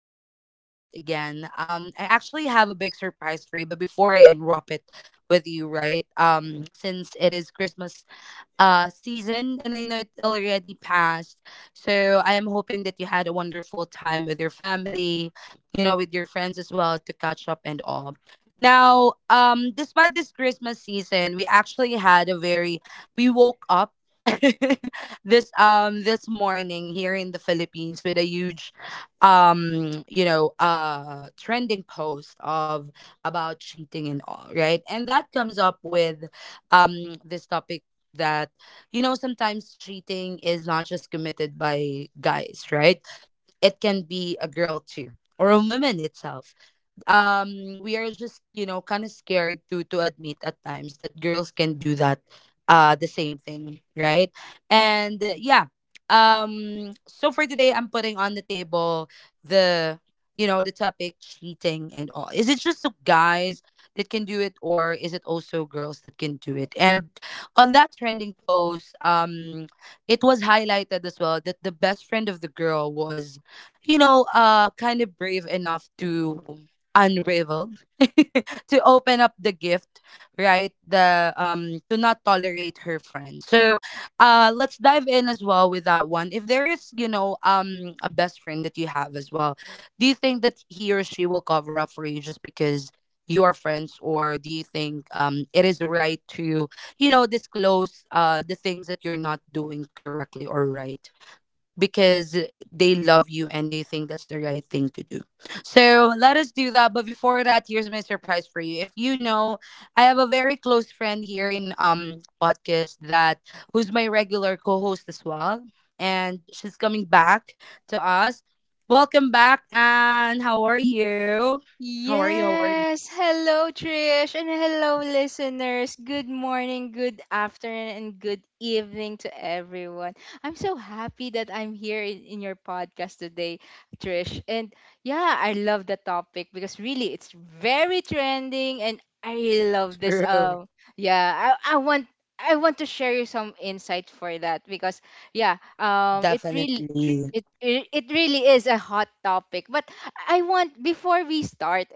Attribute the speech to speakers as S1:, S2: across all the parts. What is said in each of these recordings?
S1: for coming back again. I actually have a big surprise for you, but before I unwrap it with you, right? Since it is Christmas season, and I know it already passed. So I am hoping that you had a wonderful time with your family, you know, with your friends as well to catch up and all. Now, despite this Christmas season, we actually had a very we woke up this this morning here in the Philippines with a huge trending post of about cheating and all, right? And that comes up with this topic that you know, sometimes cheating is not just committed by guys, right? It can be a girl too, or a woman itself. We are just, you know, kind of scared to admit at times that girls can do that, the same thing, right? And yeah. So for today, I'm putting on the table the you know, the topic cheating and all. Is it just the guys that can do it, or is it also girls that can do it? And on that trending post, it was highlighted as well that the best friend of the girl was, you know, kind of brave enough to unravel to open up the gift, right? the To not tolerate her friend. So let's dive in as well with that one. If there is, you know, a best friend that you have as well, do you think that he or she will cover up for you just because you are friends? Or do you think it is right to, you know, disclose the things that you're not doing correctly or right, because they love you and they think that's the right thing to do. So let us do that. But before that, here's my surprise for you. If you know, I have a very close friend here in podcast that who's my regular co-host as well, and she's coming back to us. Welcome back, and how are you? How are you? How are you?
S2: Yes. Hello, Trish, and hello, listeners. Good morning, good afternoon, and good evening to everyone. I'm so happy that I'm here in your podcast today, Trish. And yeah, I love the topic because really it's very trending, and I really love this.
S1: True,
S2: Yeah, I want to share you some insight for that because yeah, it really
S1: definitely.
S2: it really is a hot topic, but I want before we start,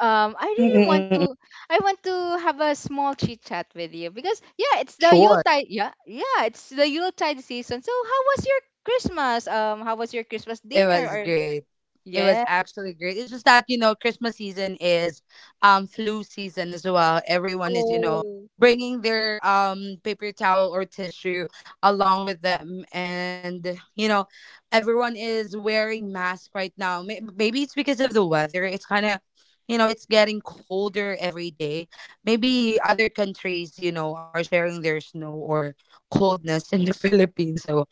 S2: I
S1: Mm, mm,
S2: really
S1: mm,
S2: want
S1: mm.
S2: to, I want to have a small chit chat with you because yeah, it's the
S1: Sure.
S2: Yuletide, yeah, yeah, it's the Yuletide season. So how was your Christmas? How was your Christmas
S1: It
S2: dinner?
S1: was
S2: Or
S1: great. It was
S2: yeah,
S1: actually great. It's just that, you know, Christmas season is flu season as well. Everyone is, you know,
S2: oh
S1: bringing their paper towel or tissue along with them, and, you know, everyone is wearing masks right now. Maybe it's because of the weather. It's kind of, you know, it's getting colder every day. Maybe other countries, you know, are sharing their snow or coldness in the Philippines. So,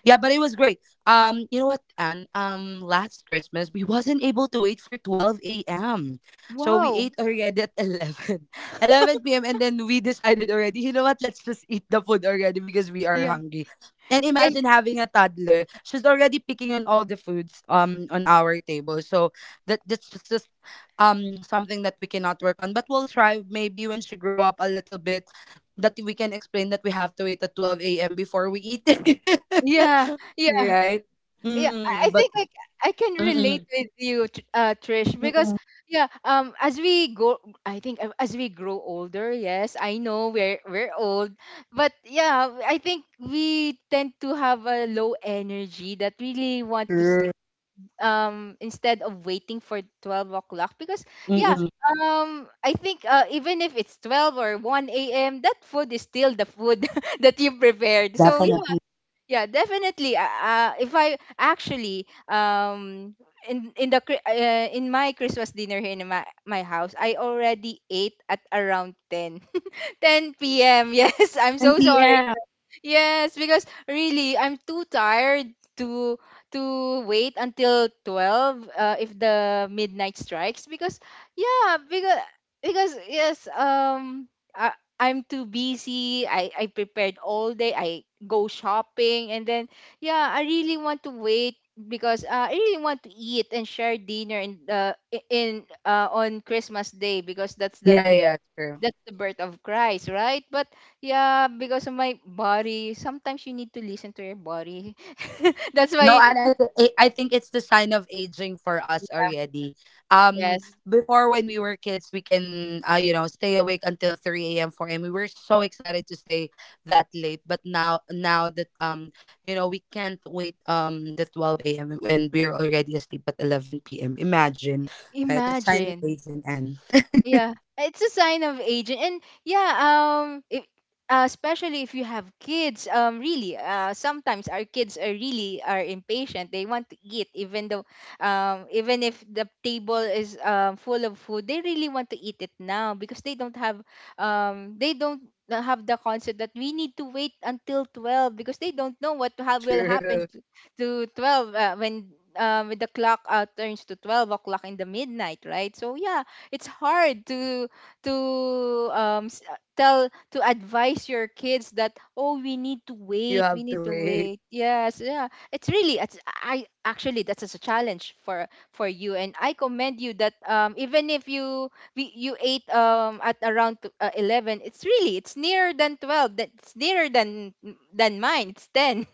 S1: yeah, but it was great. You know what, Anne? Last Christmas we wasn't able to wait for 12 a.m. So we
S2: wow,
S1: ate already at 11, 11 p.m. And then we decided already, you know what? Let's just eat the food already because we are
S2: yeah,
S1: hungry. And
S2: and
S1: imagine having a toddler. She's already picking on all the foods on our table. So that's just something that we cannot work on. But we'll try maybe when she grow up a little bit, that we can explain that we have to wait at 12 a.m. before we eat.
S2: yeah, yeah.
S1: Right?
S2: yeah i
S1: Mm,
S2: I
S1: but
S2: think I, I can relate
S1: mm-mm,
S2: with you Trish, because
S1: mm-mm,
S2: yeah, as we go I think, as we grow older. Yes, I know we're old, but yeah, I think we tend to have a low energy that really want to sleep,
S1: true.
S2: instead of waiting for 12 o'clock, because yeah,
S1: Mm-mm,
S2: I think, even if it's 12 or 1 a.m, that food is still the food that you prepared, so
S1: definitely.
S2: yeah, definitely. If I actually, in the in my Christmas dinner here in my house, I already ate at around 10. 10 p.m. Yes, I'm so
S1: 10
S2: sorry.
S1: p.m.
S2: Yes, because really, I'm too tired to to wait until 12, if the midnight
S1: Mm-mm.
S2: strikes, because yeah, because yes, I, I'm too busy. I prepared all day. I go shopping, and then yeah, I really want to wait, because I really want to eat and share dinner in I- in on Christmas day because that's the
S1: Yeah, yeah, yeah, true.
S2: that's the birth of Christ, right? But yeah, because of my body, sometimes you need to listen to your body. That's why,
S1: No, and I, th- I think it's the sign of aging for us already.
S2: yes,
S1: Before when we were kids, we can you know, stay awake until 3 a.m., 4 a.m. We were so excited to stay that late, but now that you know, we can't wait the 12 a.m., and we're already asleep at 11 p.m. Imagine, right? That's sign of
S2: imagine.
S1: aging, and.
S2: Yeah, it's a sign of aging, and yeah, if, especially if you have kids, really, sometimes our kids are really are impatient. They want to eat, even though, even if the table is full of food, they really want to eat it now, because they don't have, they don't have the concept that we need to wait until 12, because they don't know what will happen
S1: True.
S2: to 12, when, when the clock, turns to 12 o'clock in the midnight, right? So yeah, it's hard to tell, to advise your kids that, oh, we need to
S1: You
S2: wait, we
S1: have
S2: need
S1: to
S2: to
S1: wait.
S2: wait. Yes, yeah, it's really it's, I actually that's just a challenge for you, and I commend you that, even if you ate, at around 11, it's really, it's nearer than 12, that's nearer than mine, it's 10.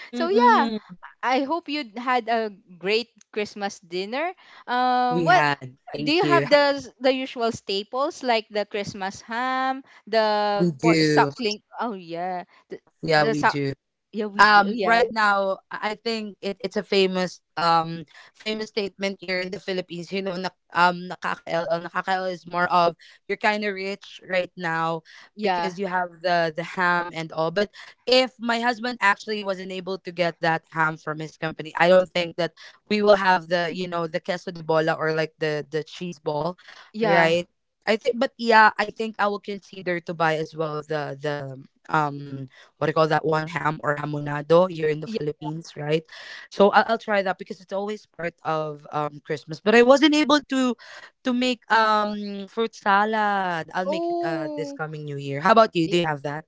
S2: So yeah,
S1: Mm-mm.
S2: I hope you had a great Christmas dinner.
S1: We
S2: What
S1: had.
S2: do
S1: Thank
S2: you have?
S1: you.
S2: The usual staples like the Christmas ham, the
S1: We
S2: pork
S1: do.
S2: suckling? Oh yeah, the
S1: Yeah,
S2: the
S1: we
S2: suck.
S1: do.
S2: Yeah, we do. Yeah,
S1: Right now I think it's a famous statement here in the Philippines, you know. Nakaka-l is more of you're kind of rich right now,
S2: yeah,
S1: because you have the ham and all. But if my husband actually wasn't able to get that ham from his company, I don't think that we will have, the you know, the queso de bola, or like the cheese ball,
S2: yeah,
S1: right? I think, but yeah, I think I will consider to buy as well the um what do you call that one, ham or hamonado here in the
S2: yeah.
S1: Philippines, right? So I'll try that because it's always part of Christmas. But I wasn't able to make fruit salad. I'll make it this
S2: Oh,
S1: coming New Year. How about you? Do you have that?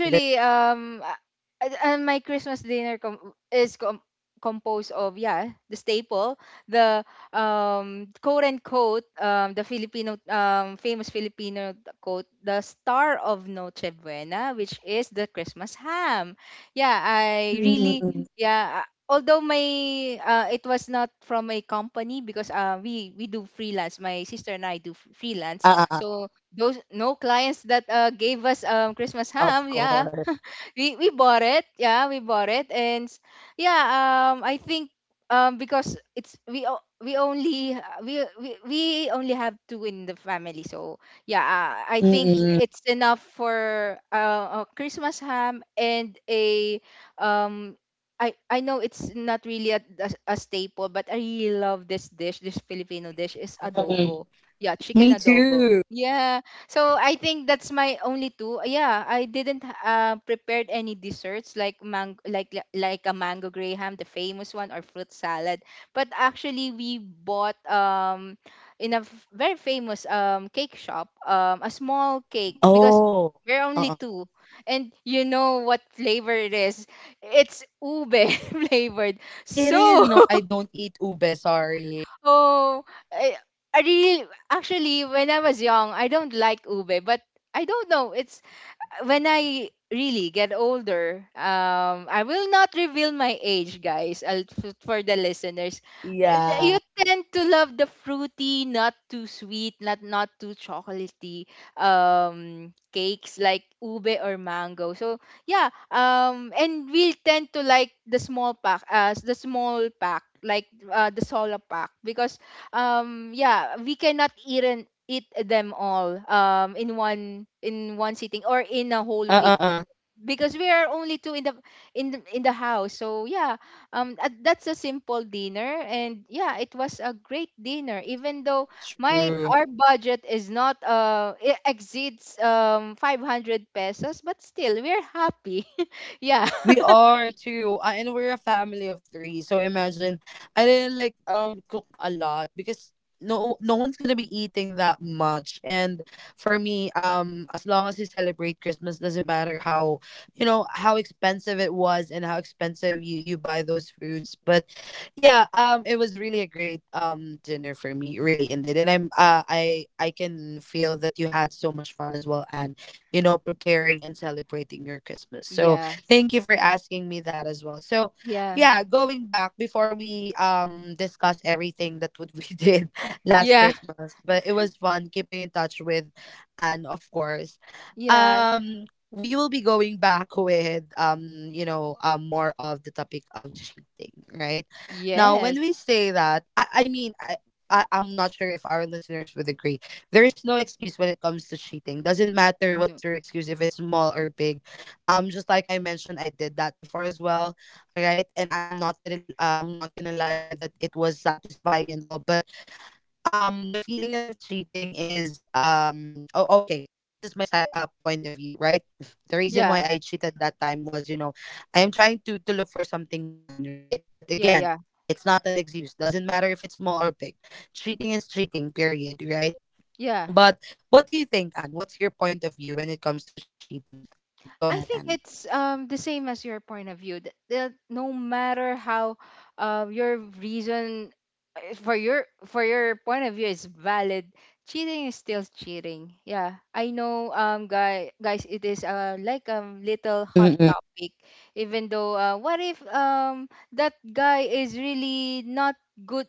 S1: Eh.
S2: my Christmas dinner com- is com- composed of, yeah, the staple, the, quote unquote, the Filipino, famous Filipino quote, the star of Noche Buena, which is the Christmas ham. Yeah, I really, yeah. Although my it was not from a company because, we do freelance. My sister and I do freelance,
S1: Uh, uh, uh,
S2: so those no clients that, gave us Christmas
S1: of
S2: ham. Yeah,
S1: course.
S2: we bought it. Yeah, we bought it, yeah, I think, because it's, we o- we, we only have two in the family, so yeah, I think
S1: Mm-mm.
S2: it's enough for, a Christmas ham and a um. I know it's not really a staple, but I really love this dish. This Filipino dish is
S1: Mm-mm.
S2: adobo. Yeah, chicken
S1: Me
S2: adobo.
S1: too.
S2: Yeah, so I think that's my only two. Yeah, I didn't, prepared any desserts like like a mango graham, the famous one, or fruit salad. But actually, we bought, in a very famous cake shop, a small cake, because
S1: Oh,
S2: we're only
S1: uh-uh.
S2: two, and you know what flavor it is? It's ube flavored.
S1: It is.
S2: So
S1: No, I don't eat ube. Sorry.
S2: oh, I, I really actually when I was young, I don't like ube, but I don't know. It's when I really get older. I will not reveal my age, guys. I'll, for the listeners, you
S1: Yeah.
S2: tend to love the fruity, not too sweet, not too chocolatey cakes like ube or mango. So yeah, and we tend to like the small pack, as the small pack, like, the solo pack, because yeah, we cannot eat and eat them all, in one sitting or in a whole
S1: Uh uh
S2: week,
S1: uh.
S2: because we are only two in the, in the house, so yeah, that's a simple dinner, and yeah, it was a great dinner, even though my
S1: True.
S2: our budget is not, it exceeds, 500 pesos, but still we're happy. Yeah.
S1: We are too, and we're a family of three. So imagine, I didn't like cook a lot, because no no one's gonna be eating that much. And for me, as long as you celebrate Christmas, doesn't matter how, you know, how expensive it was and how expensive you buy those foods. But yeah, it was really a great dinner for me. It really ended, and I'm I can feel that you had so much fun as well, and, you know, preparing and celebrating your Christmas. So
S2: Yeah,
S1: thank you for asking me that as well. So,
S2: yeah,
S1: yeah, going back before we discuss everything that what we did last
S2: yeah,
S1: Christmas, but it was fun keeping in touch with, and of course.
S2: yeah,
S1: Um we will be going back with you know, more of the topic of cheating, right? Now, when we
S2: yes,
S1: say that, I mean, I'm not sure if our listeners would agree. There is no excuse when it comes to cheating. Doesn't matter
S2: no,
S1: what's your excuse, if it's small or big, just like I mentioned, I did that before as well, right? And I'm not gonna I'm not gonna lie that it was satisfying and all. But the feeling of cheating is oh, okay, this is my side, point of view, right? The reason why
S2: yeah,
S1: I cheated that time was, you know, I am trying to look for something fun, right? But
S2: yeah,
S1: again,
S2: yeah.
S1: it's not an excuse. Doesn't matter if it's small or big. Cheating is cheating. Period, right?
S2: Yeah.
S1: But what do you think, Anne? What's your point of view when it comes to cheating? Go
S2: I
S1: ahead,
S2: think it's, the same as your point of view that, no matter how, your reason, for your point of view is valid. Cheating is still cheating. Yeah, I know, guys, it is, like a little hot
S1: Anne.
S2: topic. Even though, what if, that guy is really not good?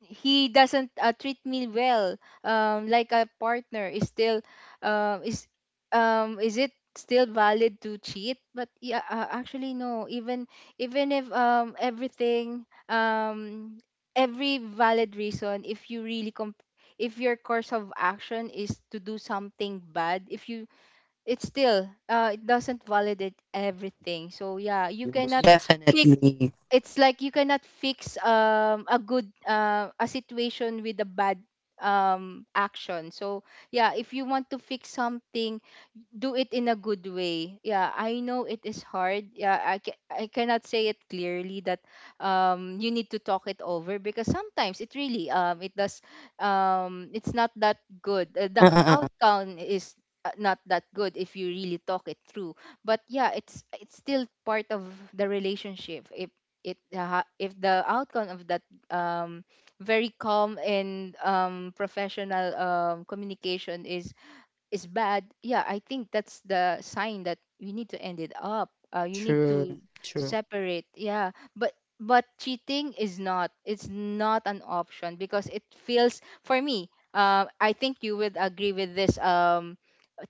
S2: He doesn't, treat me well. Like a partner, is still, is, is it still valid to cheat? But yeah, actually no. Even if,
S1: Uh uh uh.
S2: everything, every valid reason, if you really if your course of action is to do something bad, if you it's still, it doesn't validate everything. So yeah, you cannot fix
S1: Definitely.
S2: it's like you cannot fix, a good, a situation with a bad, action. So yeah, if you want to fix something, do it in a good way. Yeah, I know it is hard. Yeah, I cannot say it clearly, that, you need to talk it over, because sometimes it really, it does, it's not that good.
S1: Uh
S2: The
S1: uh uh. uh,
S2: outcome is, not that good if you really talk it through. But yeah, it's still part of the relationship. If the outcome of that, um very calm and, professional, communication is bad, yeah, I think that's the sign that you need to end it up. You need to
S1: True.
S2: to
S1: True.
S2: separate. Yeah, but cheating is not. It's not an option because it feels for me. I think you would agree with this,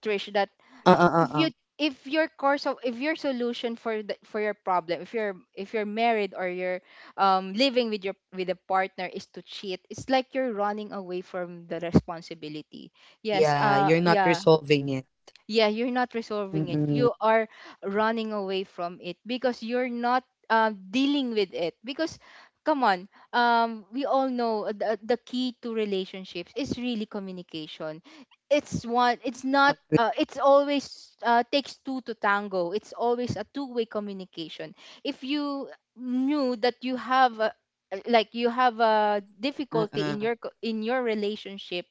S2: Trish, that
S1: Uh uh
S2: if
S1: uh.
S2: you
S1: uh.
S2: if your solution for the for your problem, if you're married or you're, living with a partner, is to cheat, it's like you're running away from the responsibility. Yes,
S1: Yeah, you're not
S2: yeah,
S1: resolving it.
S2: yeah, you're not resolving it.
S1: Mm-mm.
S2: You are running away from it, because you're not, dealing with it, because come on, we all know the key to relationships is really communication. It's one, it's not,
S1: Agree.
S2: it's always, takes two to tango. It's always a two-way communication. If you knew that you have a, like you have a difficulty in
S1: Uh-uh.
S2: in your relationship,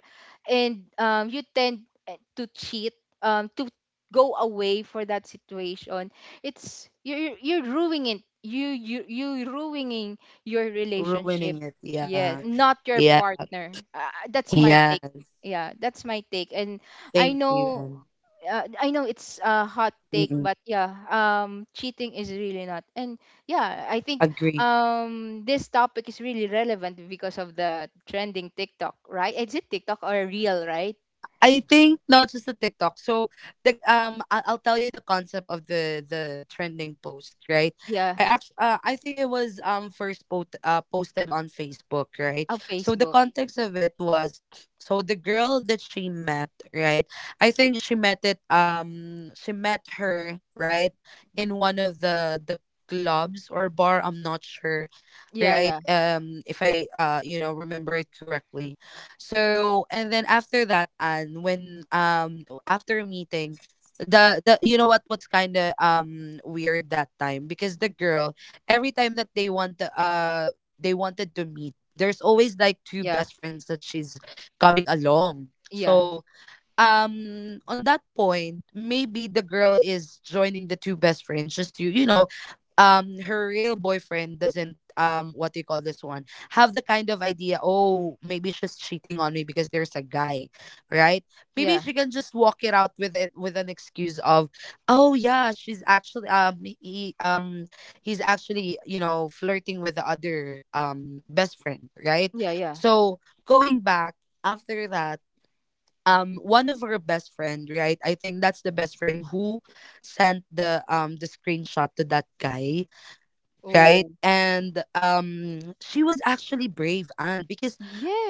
S2: and, you tend, to cheat, to go away for that situation, it's, you're ruining it. You ruining your relationship,
S1: Ruining it.
S2: yeah,
S1: Yeah.
S2: not your
S1: Yeah.
S2: partner. That's my take.
S1: Yes.
S2: Yeah, that's my take. And i
S1: Thank you.
S2: know
S1: And
S2: I know it's a hot take,
S1: mm-mm.
S2: but yeah, cheating is really not. And yeah, I think,
S1: Agree.
S2: this topic is really relevant because of the trending TikTok, right? Is it TikTok or real, right?
S1: I think not just the TikTok. So the, I'll tell you the concept of the trending post, right?
S2: Yeah,
S1: I actually, I think it was first post, posted on Facebook, right?
S2: of
S1: So the
S2: Facebook.
S1: context of it was, so the girl that she met, right? I think she met it she met her, right, in one of the clubs or bar. I'm not sure,
S2: Yeah,
S1: right?
S2: yeah,
S1: If I, you know, remember it correctly. So, and then after that, and when after meeting, the you know, what's kind of weird that time, because the girl, every time that they want to, they wanted to meet, there's always like two
S2: yeah,
S1: best friends that she's coming along.
S2: yeah,
S1: So, on that point, maybe the girl is joining the two best friends just to, you know, her real boyfriend doesn't, what do you call this one, have the kind of idea, oh, maybe she's cheating on me because there's a guy, right? Maybe
S2: yeah,
S1: she can just walk it out with it, with an excuse of, oh yeah, she's actually he he's actually, you know, flirting with the other best friend, right?
S2: yeah, yeah.
S1: So, going back, after that, one of her best friend, right, I think that's the best friend who sent the screenshot to that guy, right?
S2: Oh,
S1: And, she was actually brave, and because,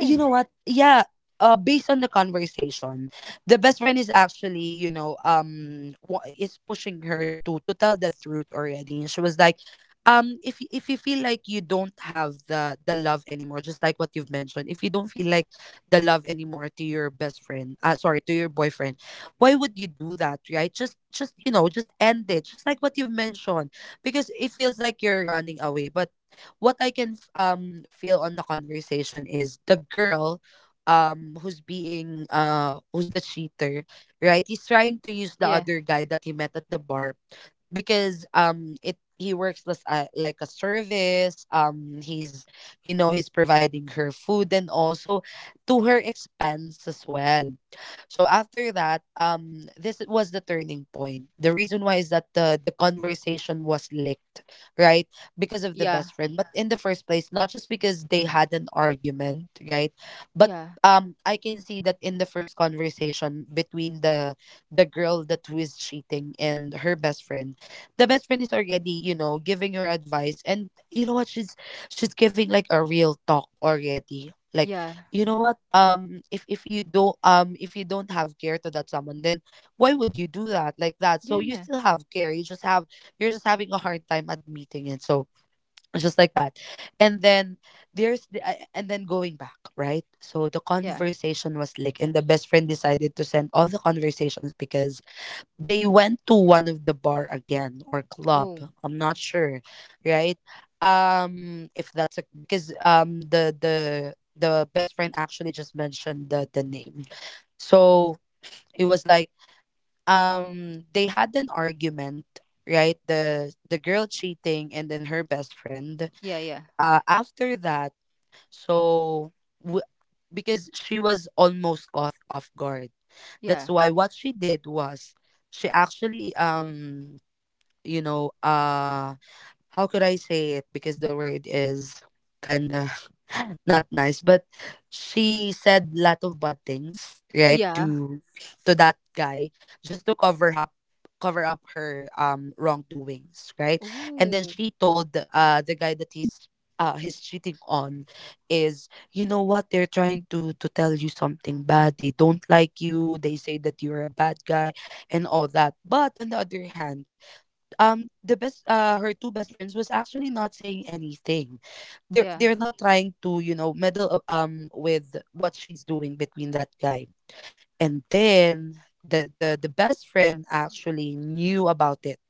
S1: you know what? Yeah. Based on the conversation, the best friend is actually, you know, is pushing her to tell the truth already. And she was like, if, if you feel like you don't have the love anymore, just like what you've mentioned, if you don't feel like the love anymore to your best friend, sorry, to your boyfriend, why would you do that, right? Just, you know, just end it, just like what you've mentioned, because it feels like you're running away. But what I can, feel on the conversation is the girl, who's being, who's the cheater, right? He's trying to use the
S2: yeah,
S1: other guy that he met at the bar because it he works as like a service. He's, you know, he's providing her food and also to her expense as well. So after that, this was the turning point. The reason why is that the conversation was leaked, right? Because of the
S2: yeah,
S1: best friend. But in the first place, not just because they had an argument, right? But
S2: yeah,
S1: I can see that in the first conversation between the girl that who is cheating and her best friend, the best friend is already, you know, giving her advice. And you know what, she's giving like a real talk already, like,
S2: yeah,
S1: you know what, if you don't, if you don't have care to that someone, then why would you do that like that? So
S2: yeah,
S1: you
S2: yeah,
S1: still have care, you just have, you're just having a hard time admitting it. So, just like that. And then there's the, and then going back, right? So the
S2: yeah.
S1: conversation was like, and the best friend decided to send all the conversations because they went to one of the bar again or club.
S2: Oh,
S1: I'm not sure, right? If that's a, because the best friend actually just mentioned the name. So it was like, they had an argument, right? The girl cheating and then her best friend.
S2: yeah, yeah,
S1: After that, so, w- because she was almost caught off guard, that's
S2: yeah,
S1: why what she did was, she actually, you know, how could I say it? Because the word is kinda not nice. But she said lot of bad things, right,
S2: yeah.
S1: to that guy, just to cover up her wrongdoings, right? And then
S2: Oh,
S1: she told the guy that he's cheating on is, you know what, they're trying to tell you something bad, they don't like you, they say that you're a bad guy and all that. But on the other hand, the best her two best friends was actually not saying anything.
S2: yeah.
S1: They're not trying to, you know, meddle with what she's doing between that guy. And then the best friend actually knew about it,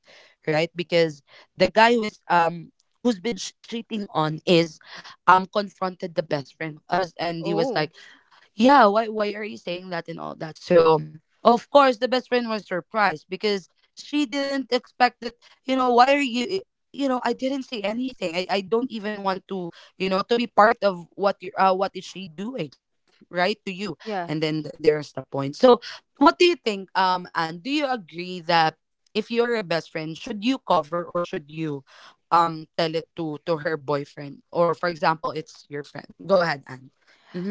S1: right? Because the guy who is who's been cheating on is, confronted the best friend I was, and he was
S2: Oh,
S1: like, yeah, why are you saying that and all that? So of course the best friend was surprised because she didn't expect that. You know, why are you you know, I didn't say anything. I don't even want to, you know, to be part of what you what is she doing, right, to you.
S2: yeah.
S1: And then there's the point. So what do you think, and do you agree that if you're a best friend, should you cover or should you tell it to her boyfriend? Or for example, it's your friend, go ahead and...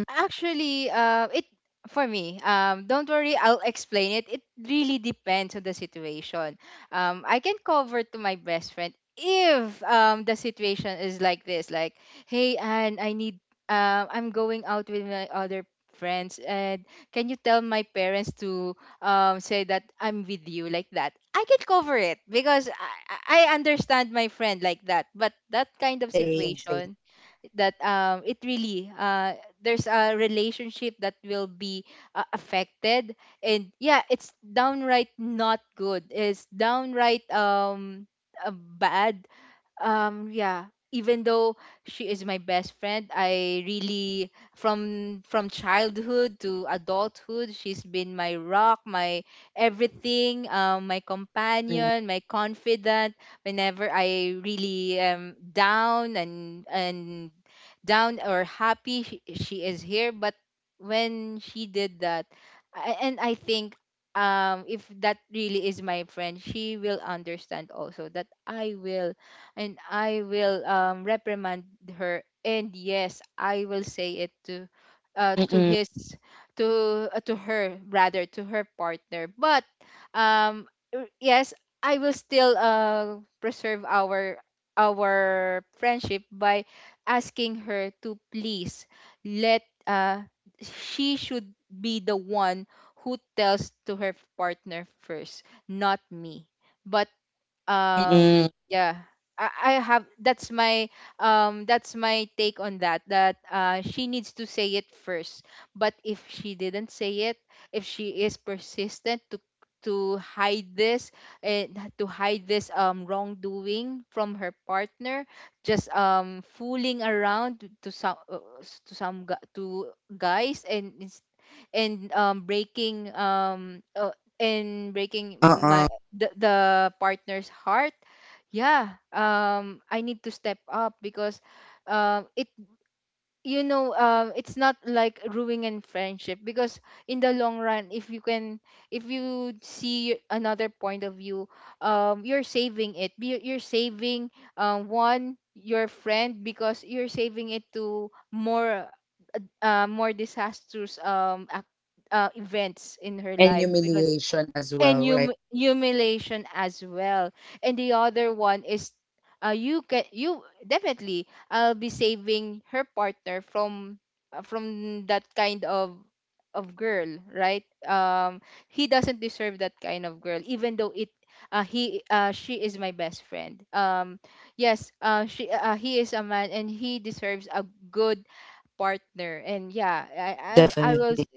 S2: Actually, it for me. Don't worry, I'll explain it. It really depends on the situation. I can cover to my best friend if, the situation is like this, like, hey, and I need. I'm going out with my other friends, and can you tell my parents to, say that I'm with you like that? I can cover it because I understand my friend like that. But that kind of
S1: Same, same.
S2: situation, that it really there's a relationship that will be affected. And yeah, it's downright not good. It's downright uh, bad. Yeah, even though she is my best friend, I really from childhood to adulthood, she's been my rock, my everything, my
S1: Mm.
S2: companion, my confidant. Whenever I really am down and down or happy, she is here. But when she did that. And I think if that really is my friend, she will understand also that I will reprimand her. And yes, I will say it to
S1: Mm-mm.
S2: his, to her, rather, to her partner. But um yes, I will still preserve our friendship by asking her to please let uh she should be the one who tells to her partner first, not me. But
S1: Mm-mm.
S2: yeah, I have that's my take on that, that she needs to say it first. But if she didn't say it, if she is persistent to hide this, and to hide this wrongdoing from her partner, just fooling around to some gu- to guys, and breaking and breaking
S1: Uh-uh.
S2: the partner's heart. Yeah, I need to step up, because it, it's not like ruining friendship, because in the long run, if you see another point of view, you're saving it. You're saving, one, your friend, because you're saving it to more disastrous events in her
S1: And
S2: life, because,
S1: humiliation as
S2: and
S1: well, right?
S2: humiliation as well. And the other one is, you, definitely I'll be saving her partner from from that kind of girl, right? He doesn't deserve that kind of girl, even though it he she is my best friend. Yes, she he is a man and he deserves a good partner. And yeah, I, I
S1: Definitely.
S2: was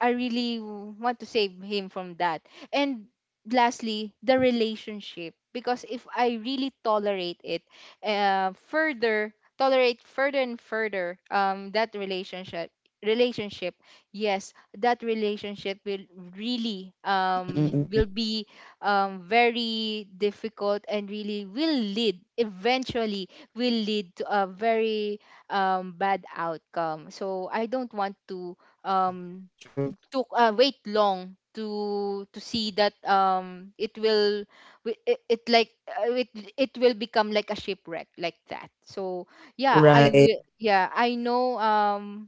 S2: I really want to save him from that. And lastly, the relationship, because if I really tolerate it, further, tolerate further and further, that relationship, yes, that relationship will really,
S1: Mm-mm.
S2: will be, very difficult, and really will lead eventually, will lead to a very, bad outcome. So I don't want to
S1: True.
S2: um,
S1: True.
S2: took wait long to see that, it will, wi- it, it like uh, it it will become like a shipwreck like that. So yeah, I
S1: Right.
S2: will yeah, I know,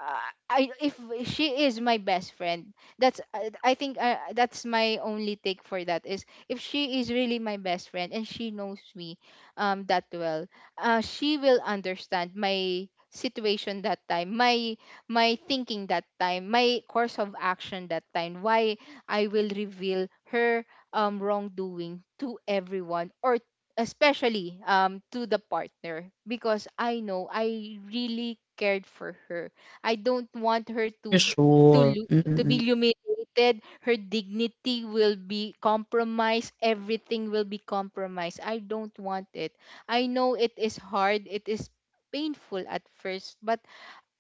S2: uh, I if she is my best friend, that's, I think, that's my only take for that, is if she is really my best friend and she knows me that well, she will understand my situation that time, my thinking that time, my course of action that time, why I will reveal her, wrongdoing to everyone, or especially, to the partner, because I know I really cared for her. I don't want her
S1: For
S2: to
S1: sure.
S2: lo- to be
S1: Mm-mm.
S2: humiliated. Her dignity will be compromised. Everything will be compromised. I don't want it. I know it is hard. It is painful at first, but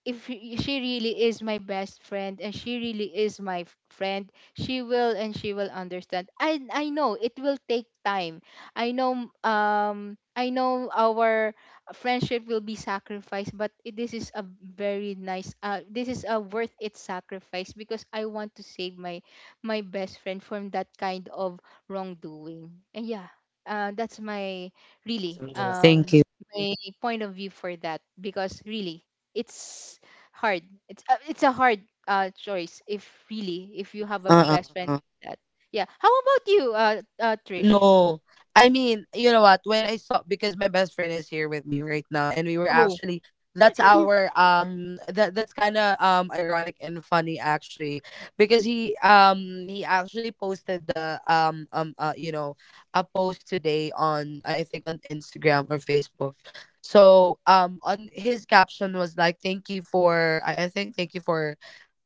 S2: if she really is my best friend and she really is my friend, she will understand. I know it will take time. I know, I know our friendship will be sacrificed, but this is a very nice, this is a worth it sacrifice, because I want to save my best friend from that kind of wrongdoing. And yeah, that's my really
S1: Thank
S2: um
S1: you.
S2: my point of view for that, because really, it's hard. It's a hard choice, if, really, if you have a
S1: Uh-uh,
S2: best friend
S1: uh-uh.
S2: like that. Yeah. How about you, Trish?
S1: No, I mean, you know what? When I saw, because my best friend is here with me right now, and we were
S2: Oh,
S1: actually, that's our that that's kind of ironic and funny actually, because he actually posted the you know, a post today on, I think on Instagram or Facebook. So on his caption was like thank you for, I think, thank you for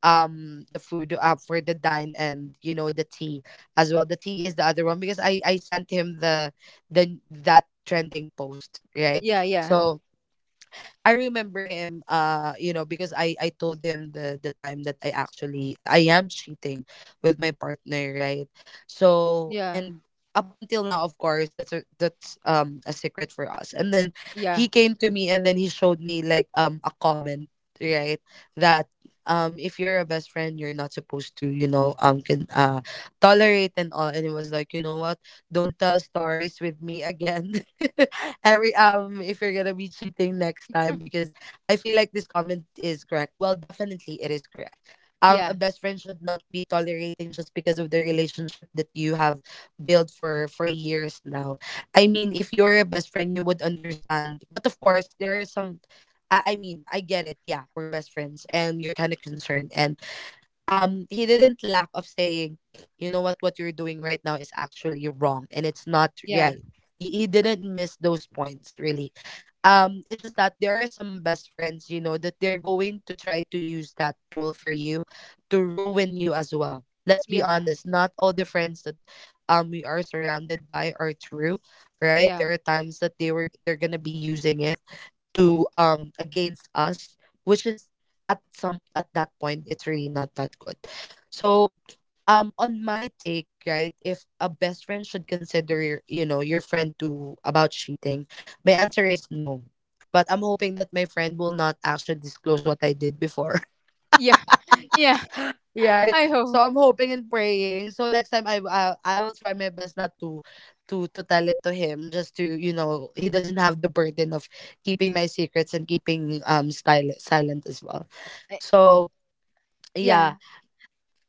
S1: the food, for the dine, and you know, the tea as well. The tea is the other one, because I sent him the that trending post, right?
S2: yeah, yeah,
S1: So I remember him, you know, because I told him the time that I actually I am cheating with my partner, right? So
S2: yeah,
S1: and up until now of course that's a secret for us. And then he
S2: yeah,
S1: came to me and then he showed me like a comment, right, that if you're a best friend, you're not supposed to, you know, can tolerate and all. And it was like, you know what, don't tell stories with me again. Every if you're gonna be cheating next time, because I feel like this comment is correct. Well, definitely it is correct.
S2: yeah,
S1: A best friend should not be tolerating just because of the relationship that you have built for years now. I mean, if you're a best friend, you would understand. But of course, there are some, I mean, I get it. Yeah, we're best friends and you're kind of concerned. And he didn't lack of saying, you know what you're doing right now is actually wrong and it's not
S2: yeah,
S1: right. He didn't miss those points, really. It's just that there are some best friends, you know, that they're going to try to use that tool for you to ruin you as well. Let's be
S2: yeah,
S1: honest, not all the friends that we are surrounded by are true, right?
S2: yeah,
S1: There are times that they're gonna be using it to against us, which is, at some at that point, it's really not that good. So, on my take, right, if a best friend should consider your, you know, your friend to about cheating, my answer is no. But I'm hoping that my friend will not actually disclose what I did before.
S2: yeah, yeah.
S1: Right,
S2: I
S1: so
S2: hope.
S1: I'm hoping and praying so next time, I will try my best not to to tell it to him, just to, you know, he doesn't have the burden of keeping my secrets and keeping style silent as well.
S2: I-
S1: So, yeah.
S2: Yeah.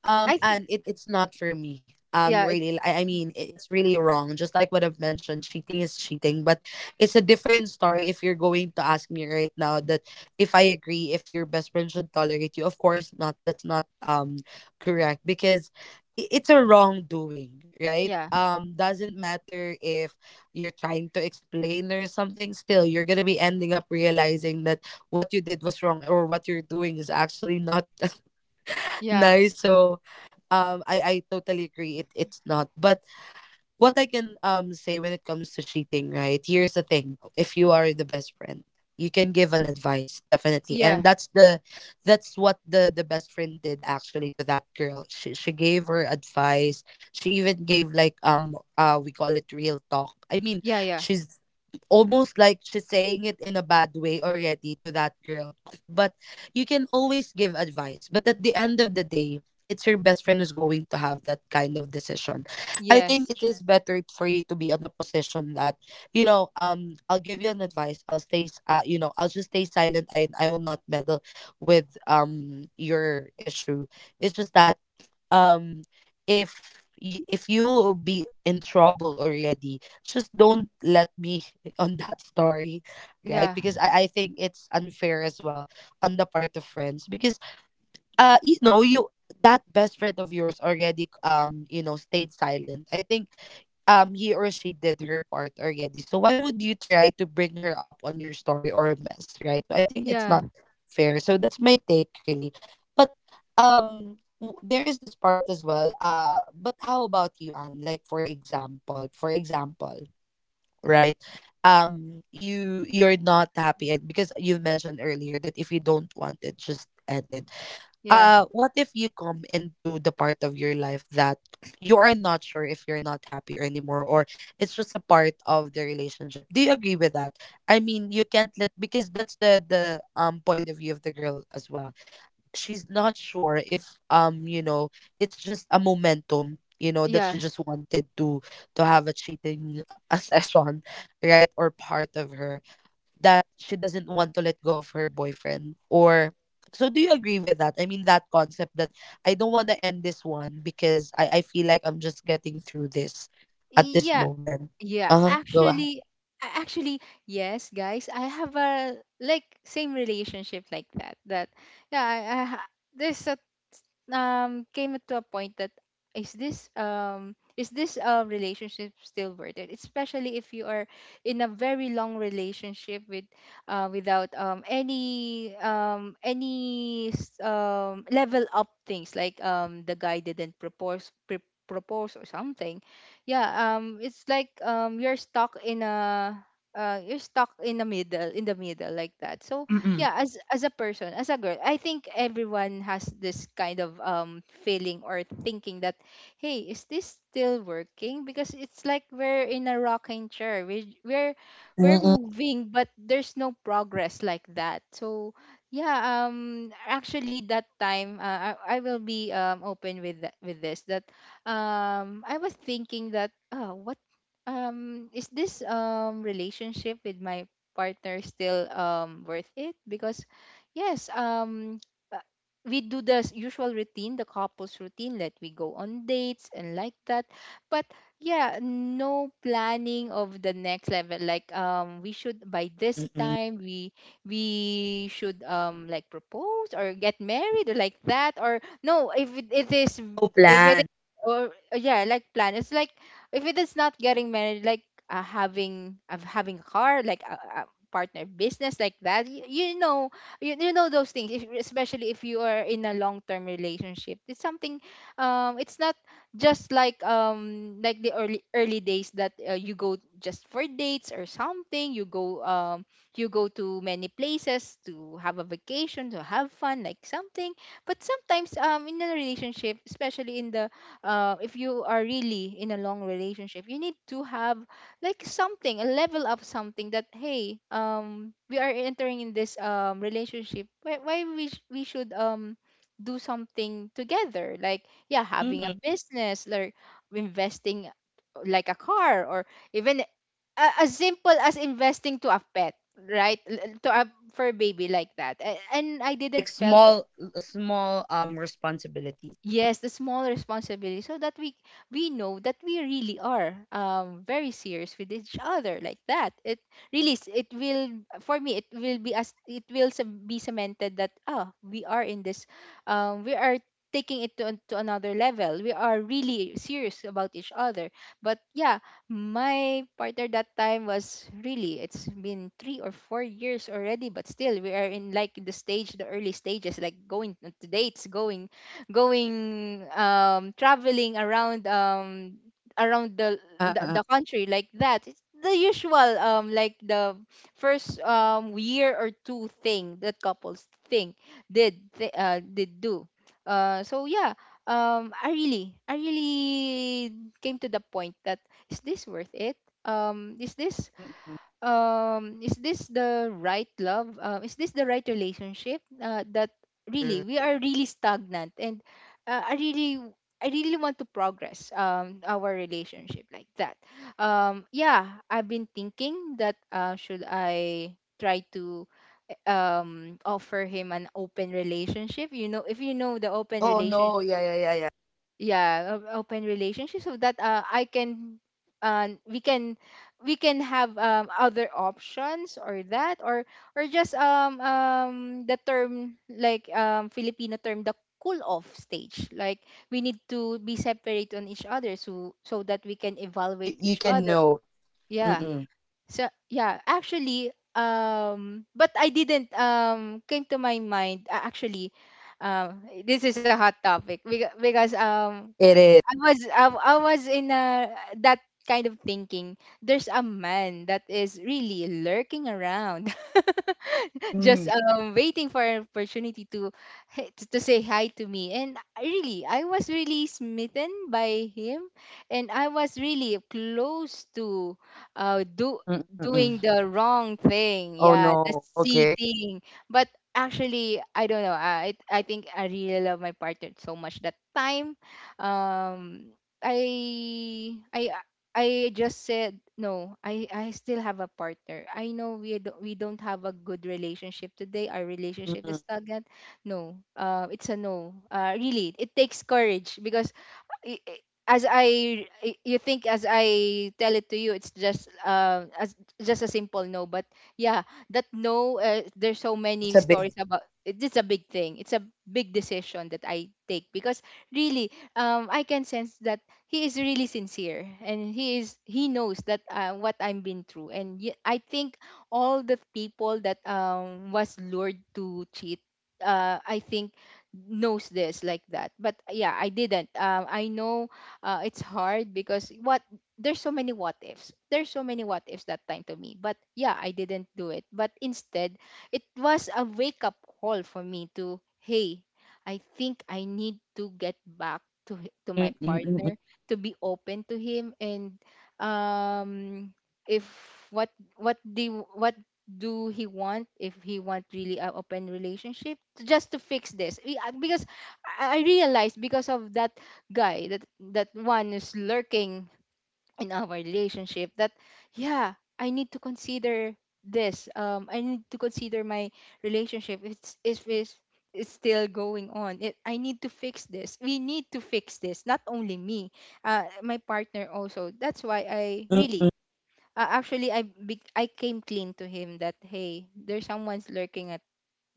S2: I think.
S1: And it's not for me.
S2: Yeah.
S1: Really, I mean, it's really wrong. Just like what I've mentioned, cheating is cheating. But it's a different story if you're going to ask me right now, that if I agree, if your best friend should tolerate you, of course not. That's not correct, because it's a wrongdoing, right?
S2: Yeah.
S1: Doesn't matter if you're trying to explain or something. Still, you're gonna be ending up realizing that what you did was wrong, or what you're doing is actually not
S2: Yeah.
S1: nice. So, I totally agree. It's not. But what I can say when it comes to cheating, right? Here's the thing: if you are the best friend, you can give an advice, definitely.
S2: Yeah.
S1: And that's the, that's what the best friend did actually to that girl. She gave her advice. She even gave like we call it real talk. I mean,
S2: Yeah. Yeah.
S1: she's almost like she's saying it in a bad way already to that girl. But you can always give advice, but at the end of the day, it's your best friend who's going to have that kind of decision. I think
S2: Yes.
S1: it is better for you to be on a position that, you know, I'll give you an advice. You know, I'll just stay silent. I will not meddle with your issue. It's just that um if if you will be in trouble already, just don't let me on that story, right?
S2: Yeah.
S1: Because I think it's unfair as well on the part of friends, because you know, you that best friend of yours already, you know, stayed silent. I think he or she did her part already. So why would you try to bring her up on your story or mess, right? So I think it's
S2: Yeah.
S1: not fair. So that's my take, really. But there is this part as well. But how about you, Anne? Like for example, right? You you're not happy. And because you mentioned earlier that if you don't want it, just end it,
S2: Yeah.
S1: what if you come into the part of your life that you are not sure if you're not happy anymore, or it's just a part of the relationship. Do you agree with that? I mean, you can't let, because that's the point of view of the girl as well. She's not sure if, you know, it's just a momentum, you know, that
S2: Yeah.
S1: she just wanted to have a cheating session, right? Or part of her that she doesn't want to let go of her boyfriend. Or so do you agree with that? I mean, that concept that I don't want to end this one because I feel like I'm just getting through this at this
S2: Yeah.
S1: moment.
S2: Yeah,
S1: Uh-huh, go ahead.
S2: actually, actually, yes, guys, I have a like same relationship like that. Yeah, there's a came to a point that, is this relationship still worth it, especially if you are in a very long relationship without any level up things, like, the guy didn't propose, propose, or something. Yeah, it's like, you're stuck in a, you're stuck in the middle, like that. So
S1: Mm-mm.
S2: yeah, as a person, as a girl, I think everyone has this kind of, feeling or thinking that, hey, is this still working, because it's like we're in a rocking chair, we're
S1: Mm-mm.
S2: moving, but there's no progress like that. So yeah, actually that time, I will be open with with this, that I was thinking that, what is this, relationship with my partner still worth it, because yes, uh, we do the usual routine, the couples routine, that we go on dates and like that. But yeah, no planning of the next level, like, we should, by this
S1: Mm-mm.
S2: time we should, like, propose or get married, or like that. Or no, if it is,
S1: No
S2: if it
S1: plan.
S2: is, or yeah, like, plan. It's like, if it is not getting married, like, having a car, like a partner business, like that. You know, those things, if, especially if you are in a long-term relationship. It's something, it's not just like, like the early days, that you go just for dates or something, you go, to many places to have a vacation, to have fun, like something. But sometimes, in a relationship, especially in the, if you are really in a long relationship, you need to have like something, a level of something that, hey, we are entering in this, relationship, why we should, do something together, like, yeah, having a
S1: Mm-hmm.
S2: business, like investing, like a car, or even, as simple as investing to a pet, right? To a fur baby like that. And I
S1: Like
S2: didn't felt.
S1: small, small responsibilities.
S2: Yes, the small responsibility, so that we know that we really are, very serious with each other, like that. It really, it will, for me, it will be, as it will be cemented that, ah, we are in this, we are taking it to another level. We are really serious about each other. But yeah, my partner that time, was really it's been 3 or 4 years already, but still we are in like the early stages, like going to dates, going, traveling around the the,
S1: Uh-uh.
S2: the country, like that. It's the usual, like the first, year or two thing that couples think, did do, so yeah, I really came to the point that, is this worth it? um is this
S1: Mm-mm.
S2: is this the right love? Is this the right relationship, that
S1: True.
S2: really we are really stagnant? And uh, i really I really want to progress, our relationship, like that. Yeah, I've been thinking that, should I try to, offer him an open relationship, you know, if you know the open
S1: Oh no,
S2: relationship.
S1: yeah yeah yeah yeah.
S2: Yeah, open relationship, so that, I can uh, we can we can have, other options, or that or or just um um, the term, like, Filipino term, the cool off stage, like, we need to be
S1: Mm-mm.
S2: separate on each other, so that we can
S1: you
S2: evaluate
S1: you
S2: each
S1: can
S2: other.
S1: know.
S2: Yeah,
S1: Mm-mm.
S2: so yeah, actually, but I didn't, came to my mind, actually, this is a hot topic, because,
S1: It is.
S2: I was I, I was in a that kind of thinking. There's a man that is really lurking around. Just
S1: Mm.
S2: waiting for an opportunity to say hi to me. And I was really smitten by him. And I was really close to, do
S1: Mm-mm.
S2: doing the wrong thing.
S1: Oh
S2: Yeah, the
S1: no, okay.
S2: cheating. But actually, I don't know, I think I really love my partner so much that time. um I I I just said no. I still have a partner. I know we don't, have a good relationship today. Our relationship
S1: Mm-mm.
S2: is stagnant. No. It's a no. Really, it takes courage because, y- y- you think, as I tell it to you, it's just, as just a simple no. But yeah, that no, there's so
S1: It's
S2: many
S1: a big.
S2: stories about. It's a big thing. It's a big decision that I take, because really, I can sense that he is really sincere, and he knows that, what I'm been through. And I think all the people that was lured to cheat, I think knows this like that but yeah, I didn't I know it's hard because what there's so many what ifs, that time to me. But yeah, I didn't do it, but instead it was a wake up call for me to, hey, I think I need to get back to to my
S1: Mm-mm, mm-mm,
S2: partner, to be open to him, and um if what what do he want? If he want really a open relationship just to fix this. Because I realized, because of that guy, that that one is lurking in our relationship, that yeah, I need to consider this, I need to consider my relationship. It's If it's still going on it, I need to fix this. We need to fix this, not only me, my partner also. That's why I
S1: mm-mm.
S2: really actually I came clean to him that, hey, there's someone's lurking at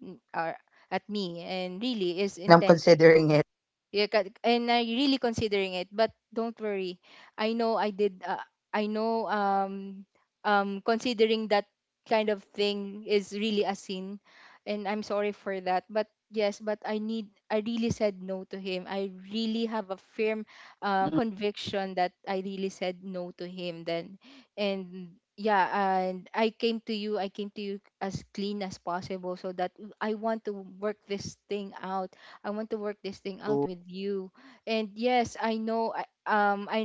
S2: n- or at me and really is
S1: And I'm
S2: intended to.
S1: considering it.
S2: Yeah, and I really considering it. But don't worry, I know I did. I know, considering that kind of thing is really a sin, and I'm sorry for that. But yes, but I need. I really said no to him. I really have a firm
S1: Mm-mm.
S2: conviction that I really said no to him. Then, and yeah, and I came to you. I came to you as clean as possible, so that I want to work this thing out. I want to work this thing
S1: So
S2: out with you. And yes, I know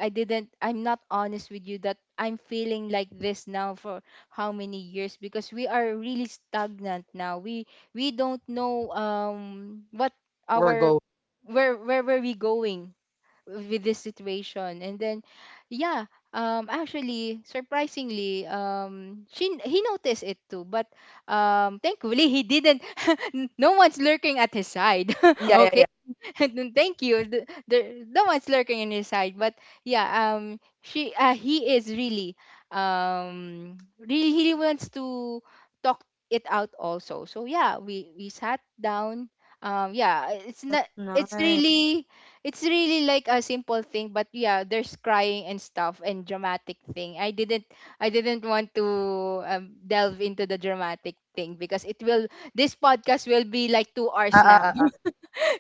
S2: I didn't, I'm not honest with you, that I'm feeling like this now for how many years, because we are really stagnant now. We don't know what
S1: where we're
S2: our
S1: going.
S2: where were we going with this situation. And then yeah, actually, surprisingly, she he noticed it too. But thankfully, he didn't no one's lurking at his side.
S1: Yeah, yeah,
S2: Okay.
S1: yeah.
S2: Then thank you. The one's lurking in his side. But yeah, she he is really, really he wants to talk it out also. So yeah, we sat down. Yeah, it's
S1: That's
S2: not. It's
S1: nice.
S2: really, it's really like a simple thing. But yeah, there's crying and stuff and dramatic thing. I didn't want to delve into the dramatic thing because it will. This podcast will be like 2 hours
S1: Uh,
S2: now.
S1: uh, uh, uh.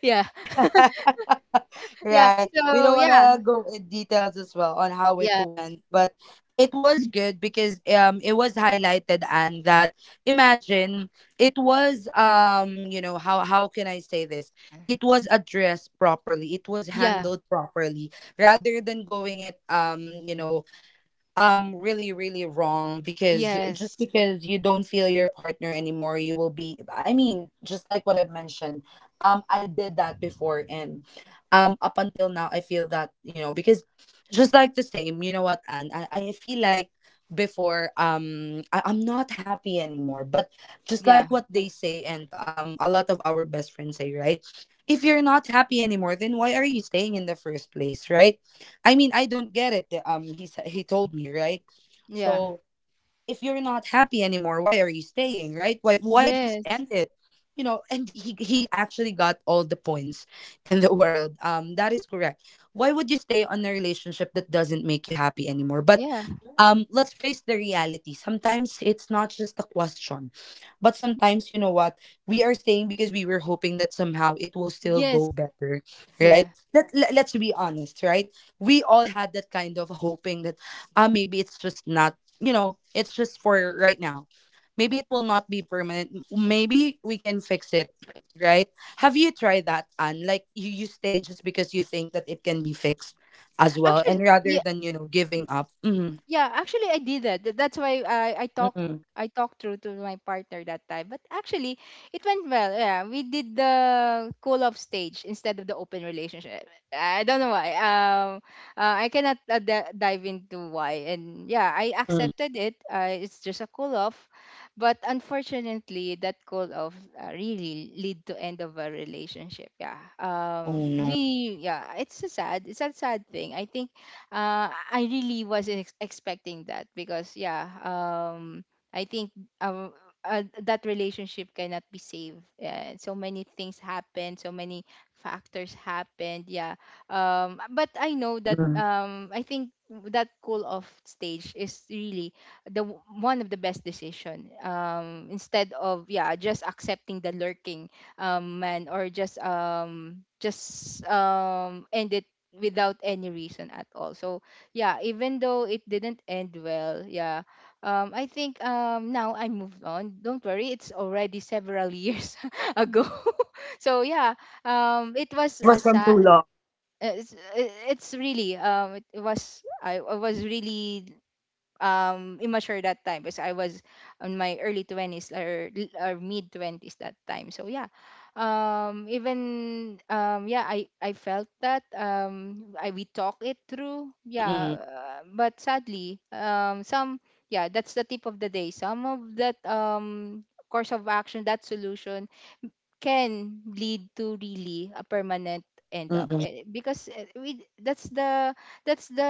S2: Yeah. Yeah.
S1: Right. We
S2: So
S1: don't want
S2: yeah,
S1: to go in details as well on how it
S2: yeah,
S1: went, but it was good because it was highlighted and that imagine it was, you know, how can I say this? It was addressed properly. It was
S2: yeah,
S1: handled properly rather than going it, you know, really really wrong because,
S2: yes,
S1: just because you don't feel your partner anymore you will be, I mean, just like what I've mentioned, I did that before. And up until now I feel that, you know, because just like the same, you know what, I feel like before, I'm not happy anymore. But just like
S2: yeah,
S1: what they say, and a lot of our best friends say, right, if you're not happy anymore, then why are you staying in the first place, right? I mean, I don't get it. He told me, right.
S2: yeah,
S1: So if you're not happy anymore, why are you staying? Right? Why just
S2: yes,
S1: end it? You know, and he actually got all the points in the world. That is correct. Why would you stay on a relationship that doesn't make you happy anymore? But
S2: yeah,
S1: let's face the reality, sometimes it's not just a question, but sometimes, you know what, we are staying because we were hoping that somehow it will still go
S2: yes,
S1: better, right?
S2: yeah.
S1: Let's be honest, right, we all had that kind of hoping that, maybe it's just not, you know, it's just for right now, maybe it will not be permanent. Maybe we can fix it, right? Have you tried that? And like you stay just because you think that it can be fixed as well, and
S2: Actually,
S1: rather
S2: yeah,
S1: than, you know, giving up. Mm-hmm.
S2: yeah, actually I did that. That's why I talked,
S1: Mm-mm.
S2: I talked through to my partner that time. But actually it went well. Yeah, we did the cool off stage instead of the open relationship. I don't know why. I cannot dive into why. And yeah, I
S1: Mm-mm.
S2: accepted it. It's just a cool off. But unfortunately, that cool off really lead to end of a relationship. Yeah.
S1: Oh, no.
S2: We Yeah, it's a sad. It's a sad thing. I think I really wasn't expecting that, because yeah, I think uh, that relationship cannot be saved. Yeah, so many things happened, so many factors happened. Yeah, but I know that
S1: Mm-mm.
S2: I think that cool off stage is really one of the best decision, instead of yeah just accepting the lurking man, or just ended without any reason at all. So yeah, even though it didn't end well, yeah, I think now I moved on. Don't worry, it's already several years ago. So yeah, it was
S1: It
S2: a
S1: was from
S2: sad.
S1: too long.
S2: It's, it's really it was I was really immature that time because I was on my early 20s or, or mid 20s that time. So yeah. Even Yeah, I felt that I we talk it through.
S1: Mm-mm.
S2: Yeah, but sadly, some yeah, that's the tip of the day. Some of that course of action, that solution can lead to really a permanent end up.
S1: Mm-mm.
S2: Eh, because eh, we That's the, that's the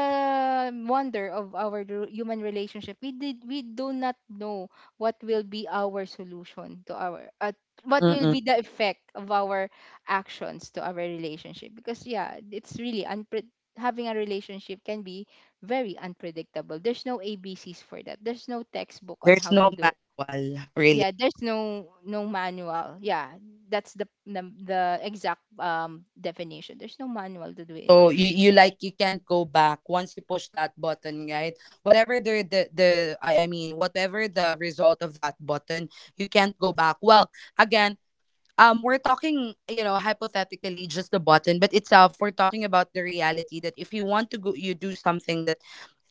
S2: wonder of our human relationship. We do not know what will be our solution to our what will
S1: Mm-mm.
S2: be the effect of our actions to our relationship. Because yeah, it's really having a relationship can be very unpredictable. There's no abcs for that, there's no textbook on
S1: There's
S2: how
S1: no
S2: to do.
S1: manual, really.
S2: Yeah, there's no manual. Yeah, that's the the exact definition. There's no manual to do it.
S1: So you like, you can't go back once you push that button, right? Whatever the, I mean, whatever the result of that button, you can't go back. Well, again, we're talking, you know, hypothetically, just the button, but itself, we're talking about the reality that if you want to go, you do something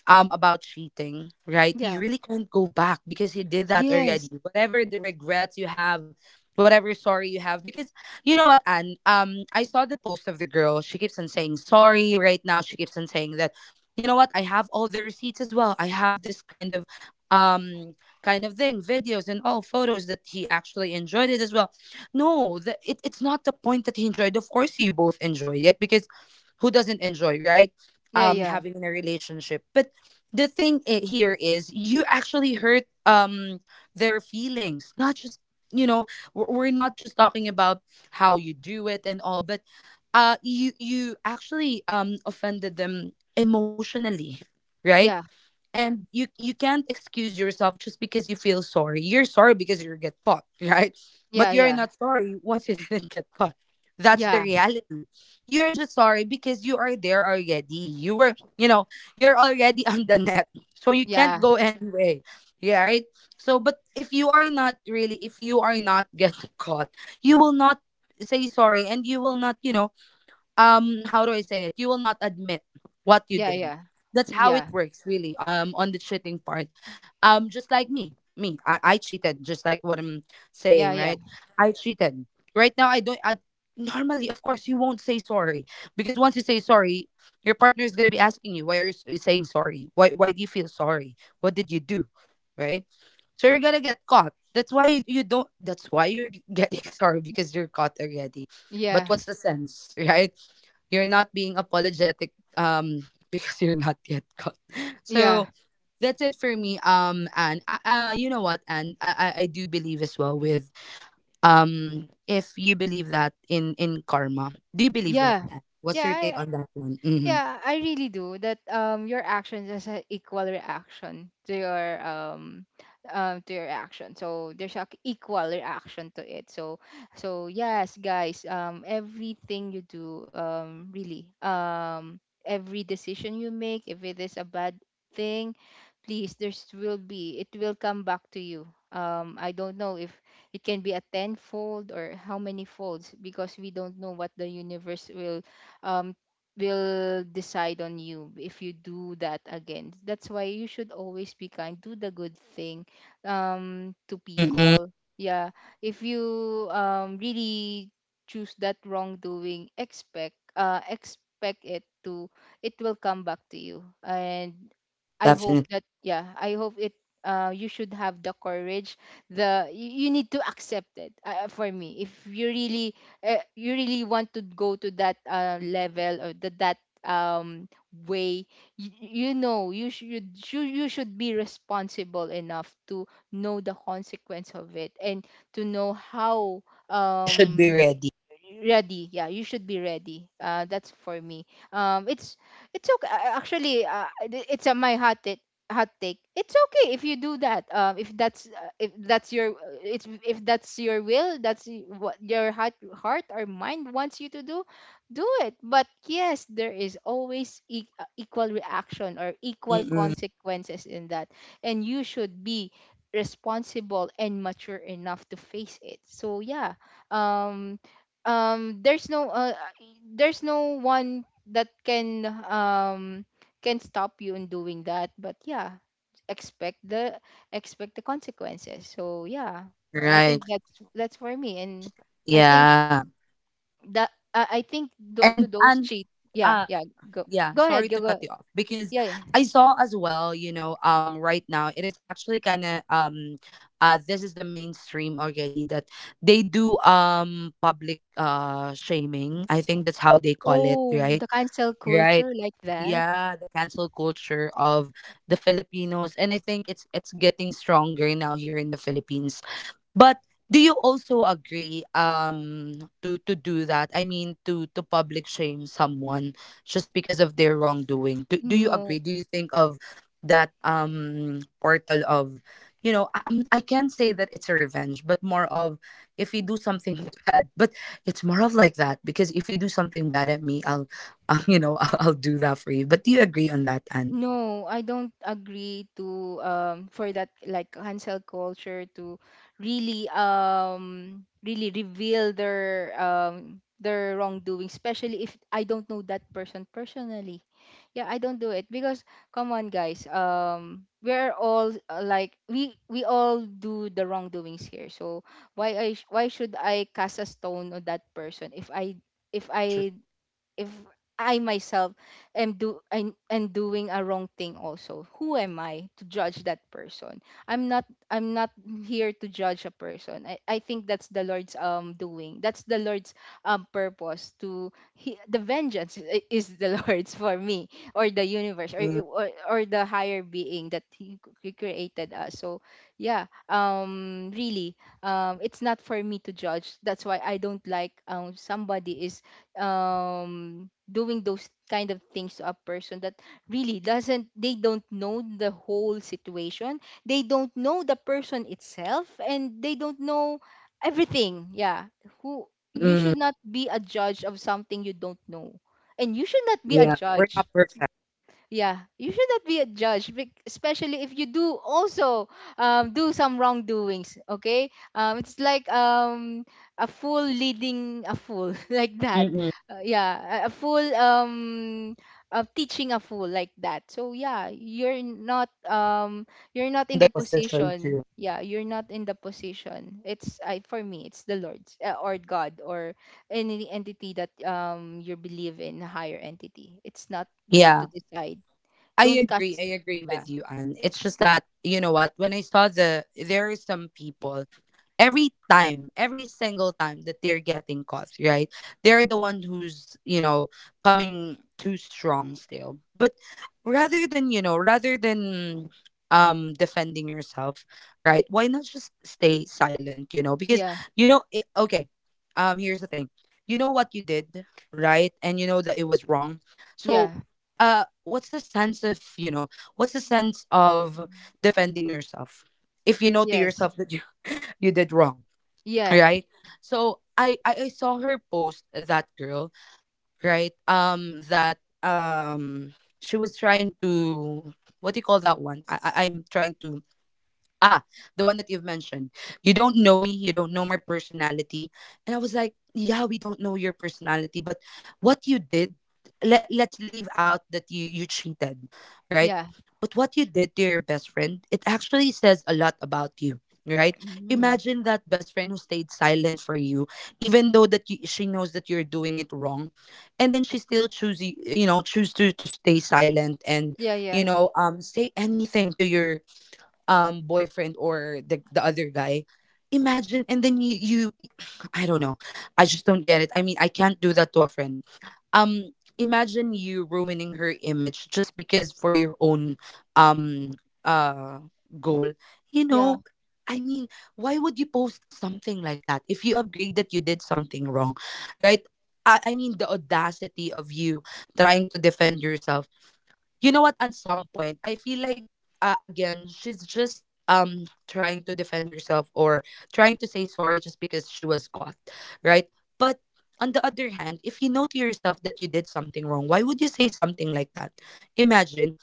S1: about cheating, right? You
S2: Yeah
S1: really can't go back because you did that already.
S2: yes
S1: Whatever the regrets you have, whatever sorry you have, because, you know what, Anne? I saw the post of the girl. She keeps on saying sorry right now. She keeps on saying that, you know what, I have all the receipts as well. I have this um kind of thing, videos and all photos that he actually enjoyed it as well. No, it's not the point that he enjoyed. Of course you both enjoy it because who doesn't enjoy, right?
S2: yeah
S1: Um,
S2: yeah
S1: having in a relationship. But the thing here is, you actually hurt, their feelings, not just, you know, we're not just talking about how you do it and all, but you actually, offended them emotionally, right?
S2: yeah
S1: And you can't excuse yourself just because you feel sorry. You're sorry because you get caught, right?
S2: yeah
S1: But you're
S2: yeah
S1: not sorry once you didn't get caught. That's the
S2: yeah
S1: reality. You're just sorry because you are there already, you were, you know, you're already on the net, so you can't go anyway, yeah, right. So but if you are not really, if you are not getting caught, you will not say sorry, and you will not, you know, how do I say it? You will not admit what you
S2: yeah
S1: did.
S2: yeah
S1: That's how
S2: yeah
S1: it works, really. Um, on the cheating part. Um, just like me. Me. I cheated, just like what I'm
S2: yeah
S1: saying,
S2: yeah
S1: right?
S2: yeah
S1: I cheated. Right now I don't I normally, of course, you won't say sorry, because once you say sorry, your partner is going to be asking you, why are you saying sorry, why do you feel sorry, what did you do, right? So you're going to get caught. That's why you don't, that's why you're getting sorry because you're caught already. But
S2: yeah
S1: what's the sense, right? You're not being apologetic, because you're not yet caught.
S2: yeah
S1: So that's it for me. Um, and you know what, and I do believe as well with, if you believe that in karma. Do you believe that?
S2: yeah
S1: Ann? What's
S2: yeah
S1: your
S2: I,
S1: take on that one? Mhm.
S2: Yeah, I really do. That your actions is an equal reaction to your action. So there's a equal reaction to it. So so yes, guys, everything you do really every decision you make, if it is a bad thing, please there's will be, it will come back to you. Um, I don't know if it can be a tenfold or how many folds, because we don't know what the universe um will decide on you if you do that again. That's why you should always be kind. Do the good thing, to
S1: Mm-mm.
S2: people. Yeah. If you really choose that wrongdoing, expect, expect it to, it will come back to you. And I hope
S1: Definitely.
S2: that, yeah, I hope it. You should have the courage. The You, you need to accept it. For me, if you really you really want to go to that level, or that um way, you know you should, you should be responsible enough to know the consequence of it, and to know how
S1: You should be
S2: um p-
S1: ready.
S2: ready. Yeah, you should be ready. Uh, that's for me. um it's it's okay, actually, it's a my hot, hot take. It's okay if you do that, if that's, if that's your it's if that's your will, that's what your heart or mind wants you to do, do it. But yes, there is always equal reaction or equal
S1: Mm-mm.
S2: consequences in that, and you should be responsible and mature enough to face it. So yeah, um um there's no uh, uh, there's no one that can stop you in doing that. But yeah, expect the, expect the consequences. So yeah, I think
S1: Right.
S2: that's for me. And I think
S1: Yeah.
S2: that I think
S1: And
S2: to those
S1: and
S2: cheat, yeah,
S1: uh
S2: yeah, go,
S1: yeah,
S2: go
S1: sorry
S2: ahead,
S1: to
S2: go,
S1: cut you
S2: go,
S1: off because
S2: yeah, yeah.
S1: I saw as well, you know, right now it is actually kind of, this is the mainstream already, that they do public, shaming, I think that's how they call it,
S2: Oh,
S1: right?
S2: the cancel
S1: Right.
S2: culture, like that.
S1: Yeah, the cancel culture of the Filipinos, and I think it's getting stronger now here in the Philippines. But do you also agree to do that? I mean, to public shame someone just because of their wrongdoing. Do do you
S2: No,
S1: agree? Do you think of that portal of, you know, I can't say that it's a revenge, but more of, if you do something bad, but it's more of like that, because if you do something bad at me, I, you know, I'll do that for you. But do you agree on that? And
S2: no, I don't agree to for that, like cancel culture, to really really reveal their wrongdoing, especially if I don't know that person personally. Yeah, I don't do it because, come on guys, we're all like we all do the wrongdoings here. So why why should I cast a stone on that person if
S1: true.
S2: I if I myself am do I am doing a wrong thing also? Who am I to judge that person? I'm not, I'm not here to judge a person. I think that's the Lord's doing. That's the Lord's purpose to the vengeance is the Lord's, for me, or the universe, or
S1: Mm-mm.
S2: or the higher being that he created us. So yeah, really it's not for me to judge. That's why I don't like somebody is doing those kind of things to a person that really doesn't, they don't know the whole situation, they don't know the person itself, and they don't know everything. Yeah, who, you
S1: Mm-mm.
S2: should not be a judge of something you don't know, and you should not be a
S1: Yeah, we're
S2: judge.
S1: not perfect.
S2: Yeah, you should not be a judge, especially if you do also do some wrongdoings. Okay, it's like a fool leading a fool, like that.
S1: Mm-mm.
S2: Yeah, a fool teaching a fool, like that. So yeah, you're not
S1: In
S2: in
S1: the
S2: the
S1: position too.
S2: position. Yeah, you're not in the position. It's, I for me, it's the Lord's, or God, or any entity that you believe in, a higher entity. It's not you to
S1: Yeah,
S2: decide.
S1: I
S2: Don't
S1: agree.
S2: cast.
S1: I agree
S2: Yeah.
S1: with you, Anne. It's just that, you know what, when I saw the, there are some people, every time, every single time that they're getting caught, right? They're the one who's, you know, coming too strong still. But rather than, you know, rather than, defending yourself, right? Why not just stay silent, you know? Because,
S2: Yeah.
S1: you know, it, okay, here's the thing. You know what you did, right? And you know that it was wrong. So
S2: Yeah.
S1: what's the sense of, you know, what's the sense of defending yourself, if you know to
S2: Yes.
S1: yourself that you you did wrong,
S2: Yeah.
S1: right? So I saw her post, that girl, right, that, she was trying to, what do you call that one, I, I'm trying to, ah, the one that you've mentioned. You don't know me, you don't know my personality. And I was like, yeah, we don't know your personality, but what you did, let, let's leave out that you cheated, right?
S2: Yeah.
S1: But what you did to your best friend, it actually says a lot about you, right?
S2: Hmm.
S1: Imagine that best friend who stayed silent for you, even though that you, she knows that you're doing it wrong, and then she still choose you, you know, choose to stay silent and,
S2: Yeah,
S1: you
S2: yeah.
S1: know, say anything to your boyfriend or the other guy. Imagine. And then you I don't know, I just don't get it, I mean, I can't do that to a friend. Um, imagine you ruining her image just because for your own, um uh goal, you
S2: Yeah.
S1: know, I mean, why would you post something like that if you agree that you did something wrong, right? I mean, the audacity of you trying to defend yourself. You know what, at some point I feel like, again, she's just trying to defend herself, or trying to say sorry just because she was caught, right? But on the other hand, if you know to yourself that you did something wrong, why would you say something like that? Imagine,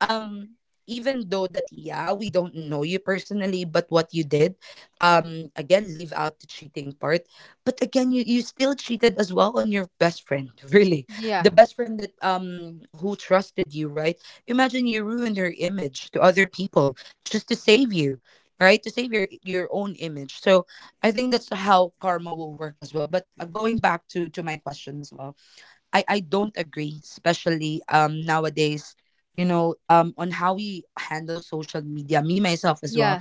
S1: um even though that, yeah, we don't know you personally, but what you did, again, leave out the cheating part, but again, you still cheated as well on your best friend, really.
S2: Yeah.
S1: The best friend that who trusted you, right? Imagine you ruined her image to other people just to save you, right, to save your own image. So I think that's how karma will work as well. But, going back to my question as well, I don't agree, especially nowadays, you know, on how we handle social media. Me myself as well,
S2: Yeah.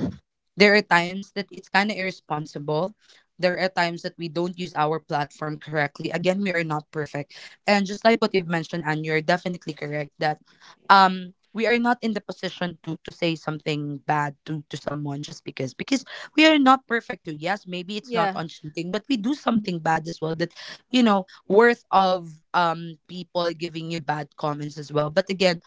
S1: there are times that it's kind of irresponsible. There are times that we don't use our platform correctly. Again, we are not perfect. And just like what you've mentioned, and you're definitely correct that we are not in the position to say something bad to someone just because we are not perfect too. Yes, maybe it's not
S2: Yeah.
S1: on cheating, but we do something bad as well that worth of people giving you bad comments as well. But again,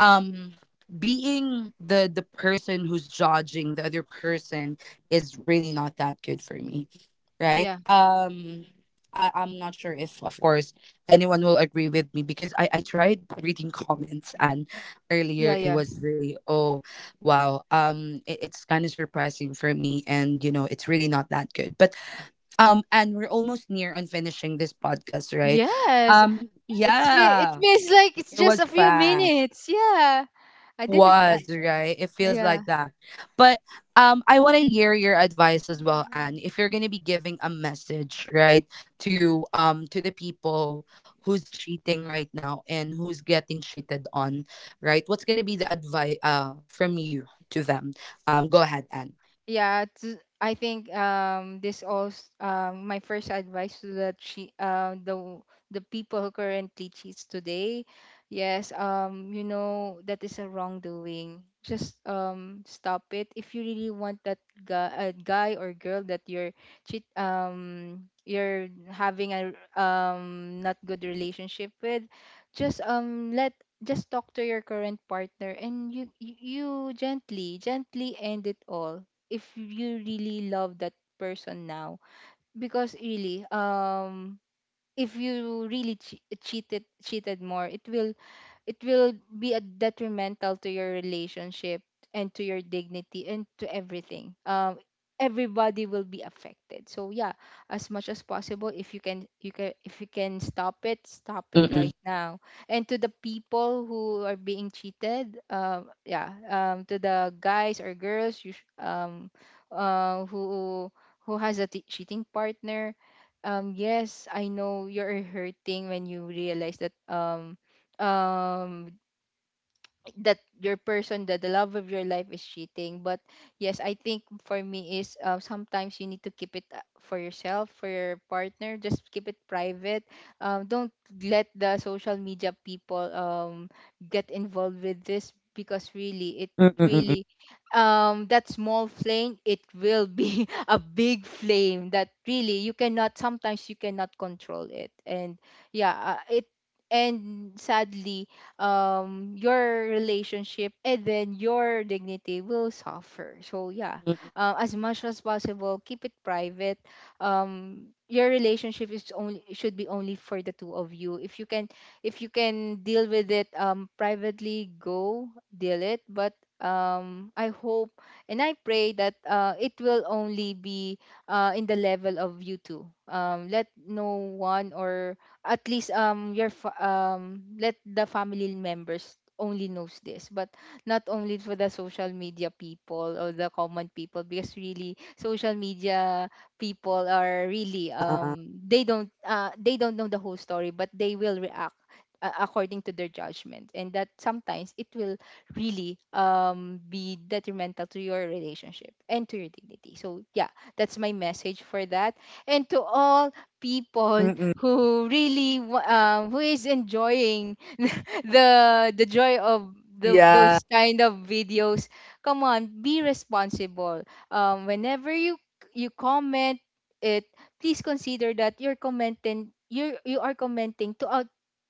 S1: um being the person who's judging the other person is really not that good for me, right?
S2: Yeah.
S1: I'm not sure if, of course, anyone will agree with me because I tried reading comments, and
S2: Yeah,
S1: earlier it
S2: yeah.
S1: was really, oh wow, it's kind of surprising for me. And it's really not that good, but and we're almost near on finishing this podcast, right?
S2: Yes. It
S1: Yeah.
S2: feels like it's
S1: It
S2: just a
S1: was
S2: few
S1: fast.
S2: minutes. Yeah.
S1: It
S2: I didn't
S1: was, right? It feels like that. But I want to hear your advice as well,
S2: yeah.
S1: Anne. If you're going to be giving a message, right, to the people who's cheating right now and who's getting cheated on, right? What's going to be the advice from you to them? Go ahead, Anne.
S2: Yeah, to, I think this also, my first advice to the the people who currently cheats today. Yes, you know that is a wrongdoing, just stop it. If you really want that guy, guy or girl that you're cheat you're having a not good relationship with, just let, just talk to your current partner and you gently gently end it all if you really love that person now, because really, if you really cheated cheated more, it will be a detrimental to your relationship and to your dignity and to everything. Everybody will be affected, so yeah, as much as possible, if you can, you can, if you can stop it, stop it
S1: Mm-mm.
S2: right now. And to the people who are being cheated, yeah, to the guys or girls, uh who who has a cheating partner, yes, I know you're hurting when you realize that, um that your person, that the love of your life is cheating. But yes, I think for me is, sometimes you need to keep it, for yourself, for your partner, just keep it private. Don't let the social media people get involved with this, because really it,
S1: Mm-mm.
S2: really, that small flame, it will be a big flame that really you cannot, sometimes you cannot control it. And yeah, it, and sadly, your relationship and then your dignity will suffer. So yeah, as much as possible, keep it private. Your relationship is only, should be only for the two of you. If you can, if you can deal with it privately, go deal it. But I hope and I pray that it will only be in the level of you two. Let no one, or at least your let the family members only knows this, but not only for the social media people or the common people, because really social media people are really,
S1: Uh-uh. Uh-uh.
S2: they don't, they don't know the whole story, but they will react according to their judgment, and that sometimes it will really be detrimental to your relationship and to your dignity. So yeah, that's my message for that, and to all people
S1: Mm-mm.
S2: who really who is enjoying the the joy of
S1: Yeah.
S2: those kind of videos. Come on, be responsible. Whenever you, you comment it, please consider that you're commenting, you are commenting to a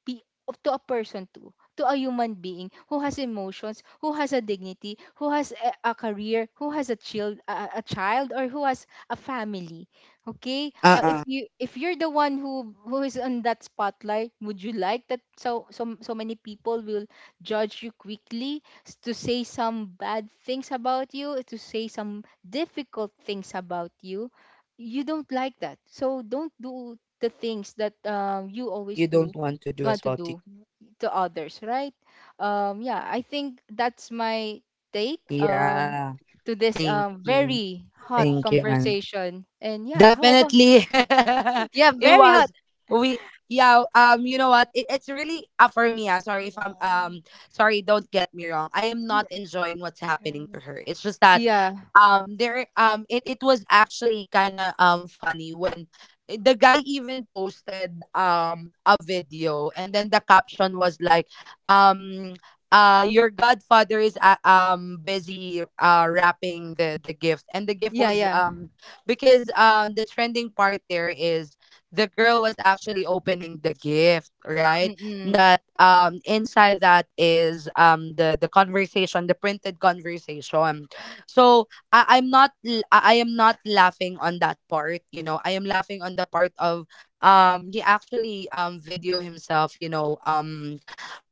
S2: pe- to a person too, to a human being who has emotions, who has a dignity, who has a career, who has a child, a child, or who has a family. Okay. If
S1: Uh-uh.
S2: you, if you're the one who is on that spotlight, would you like that, so so so many people will judge you quickly, to say some bad things about you, to say some difficult things about you? You don't like that. So don't do the things that you always
S1: You don't
S2: do
S1: want to do
S2: want
S1: as
S2: to
S1: well, too.
S2: do to others, right? Yeah, I think that's my take,
S1: Yeah.
S2: to this,
S1: Thank you.
S2: very hot
S1: Thank you, Anne.
S2: conversation. And yeah, how about,
S1: Definitely.
S2: yeah,
S1: It
S2: very hot.
S1: was, we, yeah, you know what? It's really, for me, ah, sorry if I'm,
S2: Um,
S1: sorry, don't get me wrong. I am not enjoying what's happening
S2: um,
S1: to her. It's just that,
S2: Yeah,
S1: there, it was actually kind of funny when, the guy even posted a video, and then the caption was like, um your godfather is, busy wrapping the gift, and the gift
S2: yeah,
S1: was,
S2: yeah.
S1: because the trending part there is the girl was actually opening the gift, right?
S2: Mm-mm.
S1: That inside that is the conversation, the printed conversation. So I, I'm not l- I am not laughing on that part. I am laughing on the part of, he actually video himself, you know um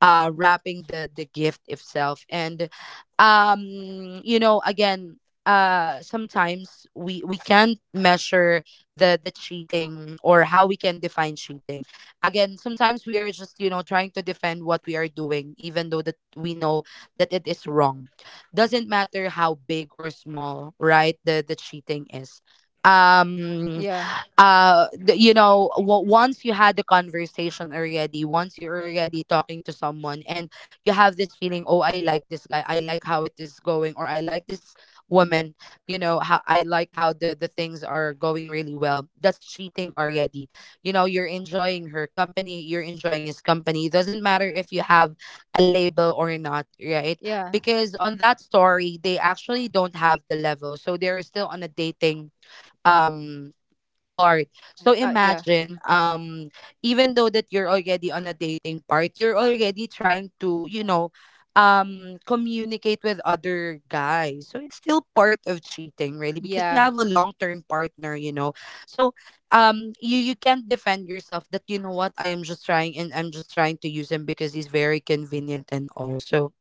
S1: uh wrapping the gift itself. And, um again, sometimes we can't measure the cheating, or how we can define cheating. Again, sometimes we are just, trying to defend what we are doing, even though that we know that it is wrong. Doesn't matter how big or small, right, the cheating is. um
S2: Yeah,
S1: Once you had the conversation already, once you're already talking to someone and you have this feeling, oh, I like this guy, I like how it is going, or I like this woman. How I like how the things are going really well. That's cheating already. You're enjoying her company, you're enjoying his company. It doesn't matter if you have a label or not, right?
S2: yeah,
S1: Because on that story they actually don't have the level, so they're still on a dating, um part. So
S2: yeah,
S1: imagine, even though that you're already on a dating part, you're already trying to, communicate with other guys. So it's still part of cheating, really, because you
S2: yeah,
S1: have a long term partner. So, you can't defend yourself, that, you know what, I am just trying, and I'm just trying to use him because he's very convenient and all. So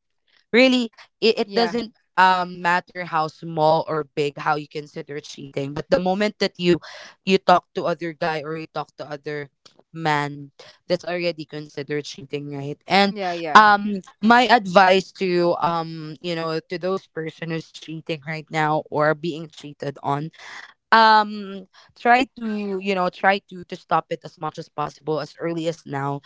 S1: really it
S2: yeah,
S1: doesn't, matter how small or big how you consider cheating, but the moment that you talk to other guy, or you talk to other man, that's already considered cheating, right? And
S2: yeah, yeah,
S1: my advice to, to those person who's cheating right now or being cheated on, um try to stop it as much as possible, as early as now.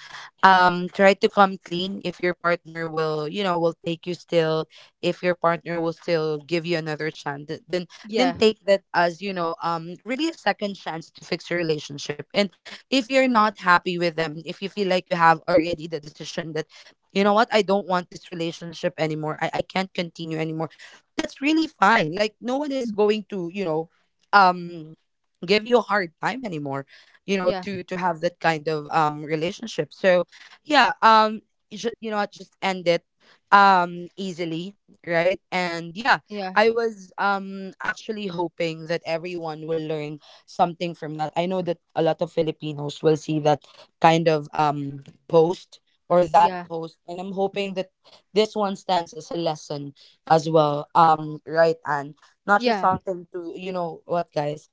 S1: Try to come clean if your partner will, will take you still, if your partner will still give you another chance, then
S2: yeah,
S1: take that as, really, a second chance to fix your relationship. And if you're not happy with them, if you feel like you have already the decision that, you know what, I don't want this relationship anymore, I can't continue anymore, that's really fine, like no one is going to, um give you a hard time anymore,
S2: yeah,
S1: to have that kind of, relationship. So yeah, you, should, you know what, just end it, easily, right? And yeah,
S2: yeah,
S1: I was actually hoping that everyone will learn something from that. I know that a lot of Filipinos will see that kind of, post, or that post, and I'm hoping that this one stands as a lesson as well, right? Not just
S2: yeah, yeah,
S1: something to, you know what, guys,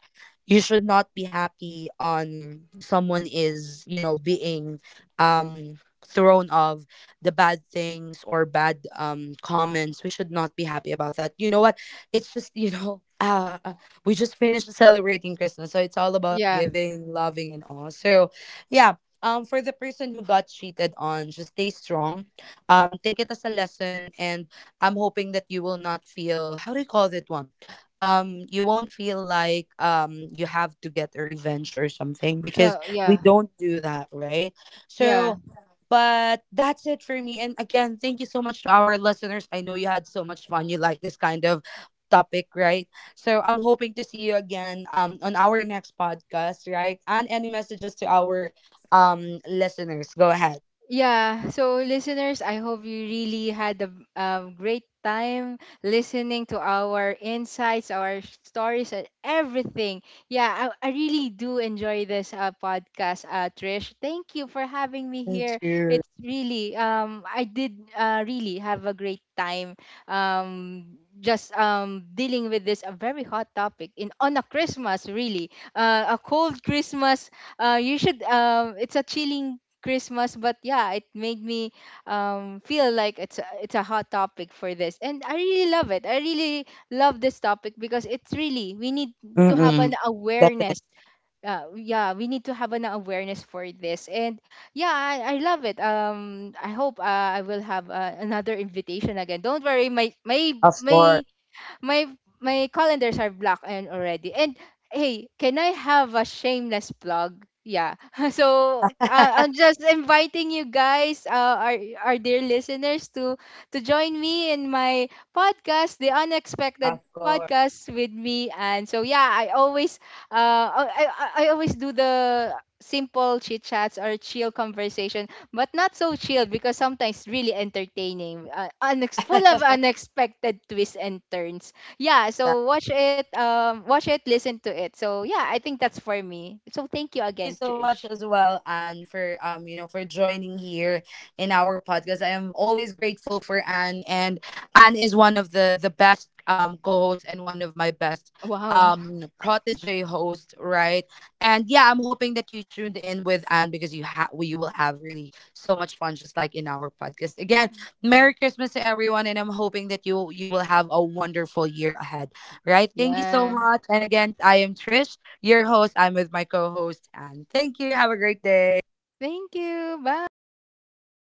S1: you should not be happy on someone is, being, um thrown of the bad things, or bad, comments. We should not be happy about that, you know what, it's just, you know, we just finished celebrating Christmas, so it's all about
S2: yeah,
S1: giving, loving, and all. So yeah, for the person who got cheated on, just stay strong. Take it as a lesson, and I'm hoping that you will not feel, how do you call that one, you won't feel like, you have to get a revenge or something, because
S2: no,
S1: we
S2: yeah,
S1: don't do that, right?
S2: yeah.
S1: So but that's it for me. And again, thank you so much to our listeners. I know you had so much fun, you like this kind of topic, right? So I'm hoping to see you again, on our next podcast, right? And any messages to our, listeners, go ahead.
S2: Yeah, so listeners, I hope you really had a great time listening to our insights, our stories, and everything. Yeah, I really do enjoy this podcast, Trish. Thank you for having me
S1: Me
S2: here.
S1: too.
S2: It's really, I did really have a great time, just dealing with this, a very hot topic in on a Christmas, really. A cold Christmas, you should, it's a chilling Christmas. But yeah, it made me feel like it's a hot topic for this, and I really love it. I really love this topic because it's really we need to have
S1: Mm-mm.
S2: an
S1: Definitely.
S2: awareness. Yeah, we need to have an awareness for this, and yeah, I love it. I hope I will have another invitation again. Don't worry,
S1: Of course.
S2: my my my calendars are blocked and already. And hey, can I have a shameless plug? Yeah. So I'm just inviting you guys, our dear listeners, to join me in my podcast, The Unexpected
S1: Of course.
S2: Podcast, with me. And so yeah, I always I always do the simple chit chats or chill conversation, but not so chill because sometimes really entertaining, full of unexpected twists and turns. Yeah, so watch it, watch it, listen to it. So yeah, I think that's for me, so thank you
S1: Thank
S2: again,
S1: you so much
S2: Trish.
S1: as well, Anne, for, for joining here in our podcast. I am always grateful for Anne, and Anne is one of the best, co-hosts, and one of my best,
S2: Wow.
S1: protege host, right? And yeah, I'm hoping that you tuned in with Anne because you have we will have really so much fun, just like in our podcast. Again,
S2: Mm.
S1: Merry Christmas to everyone, and I'm hoping that you will have a wonderful year ahead, right? Thank you so
S2: Yeah,
S1: much, and again, I am Trish, your host. I'm with my co host, and thank you. Have a great day.
S2: thank you, bye.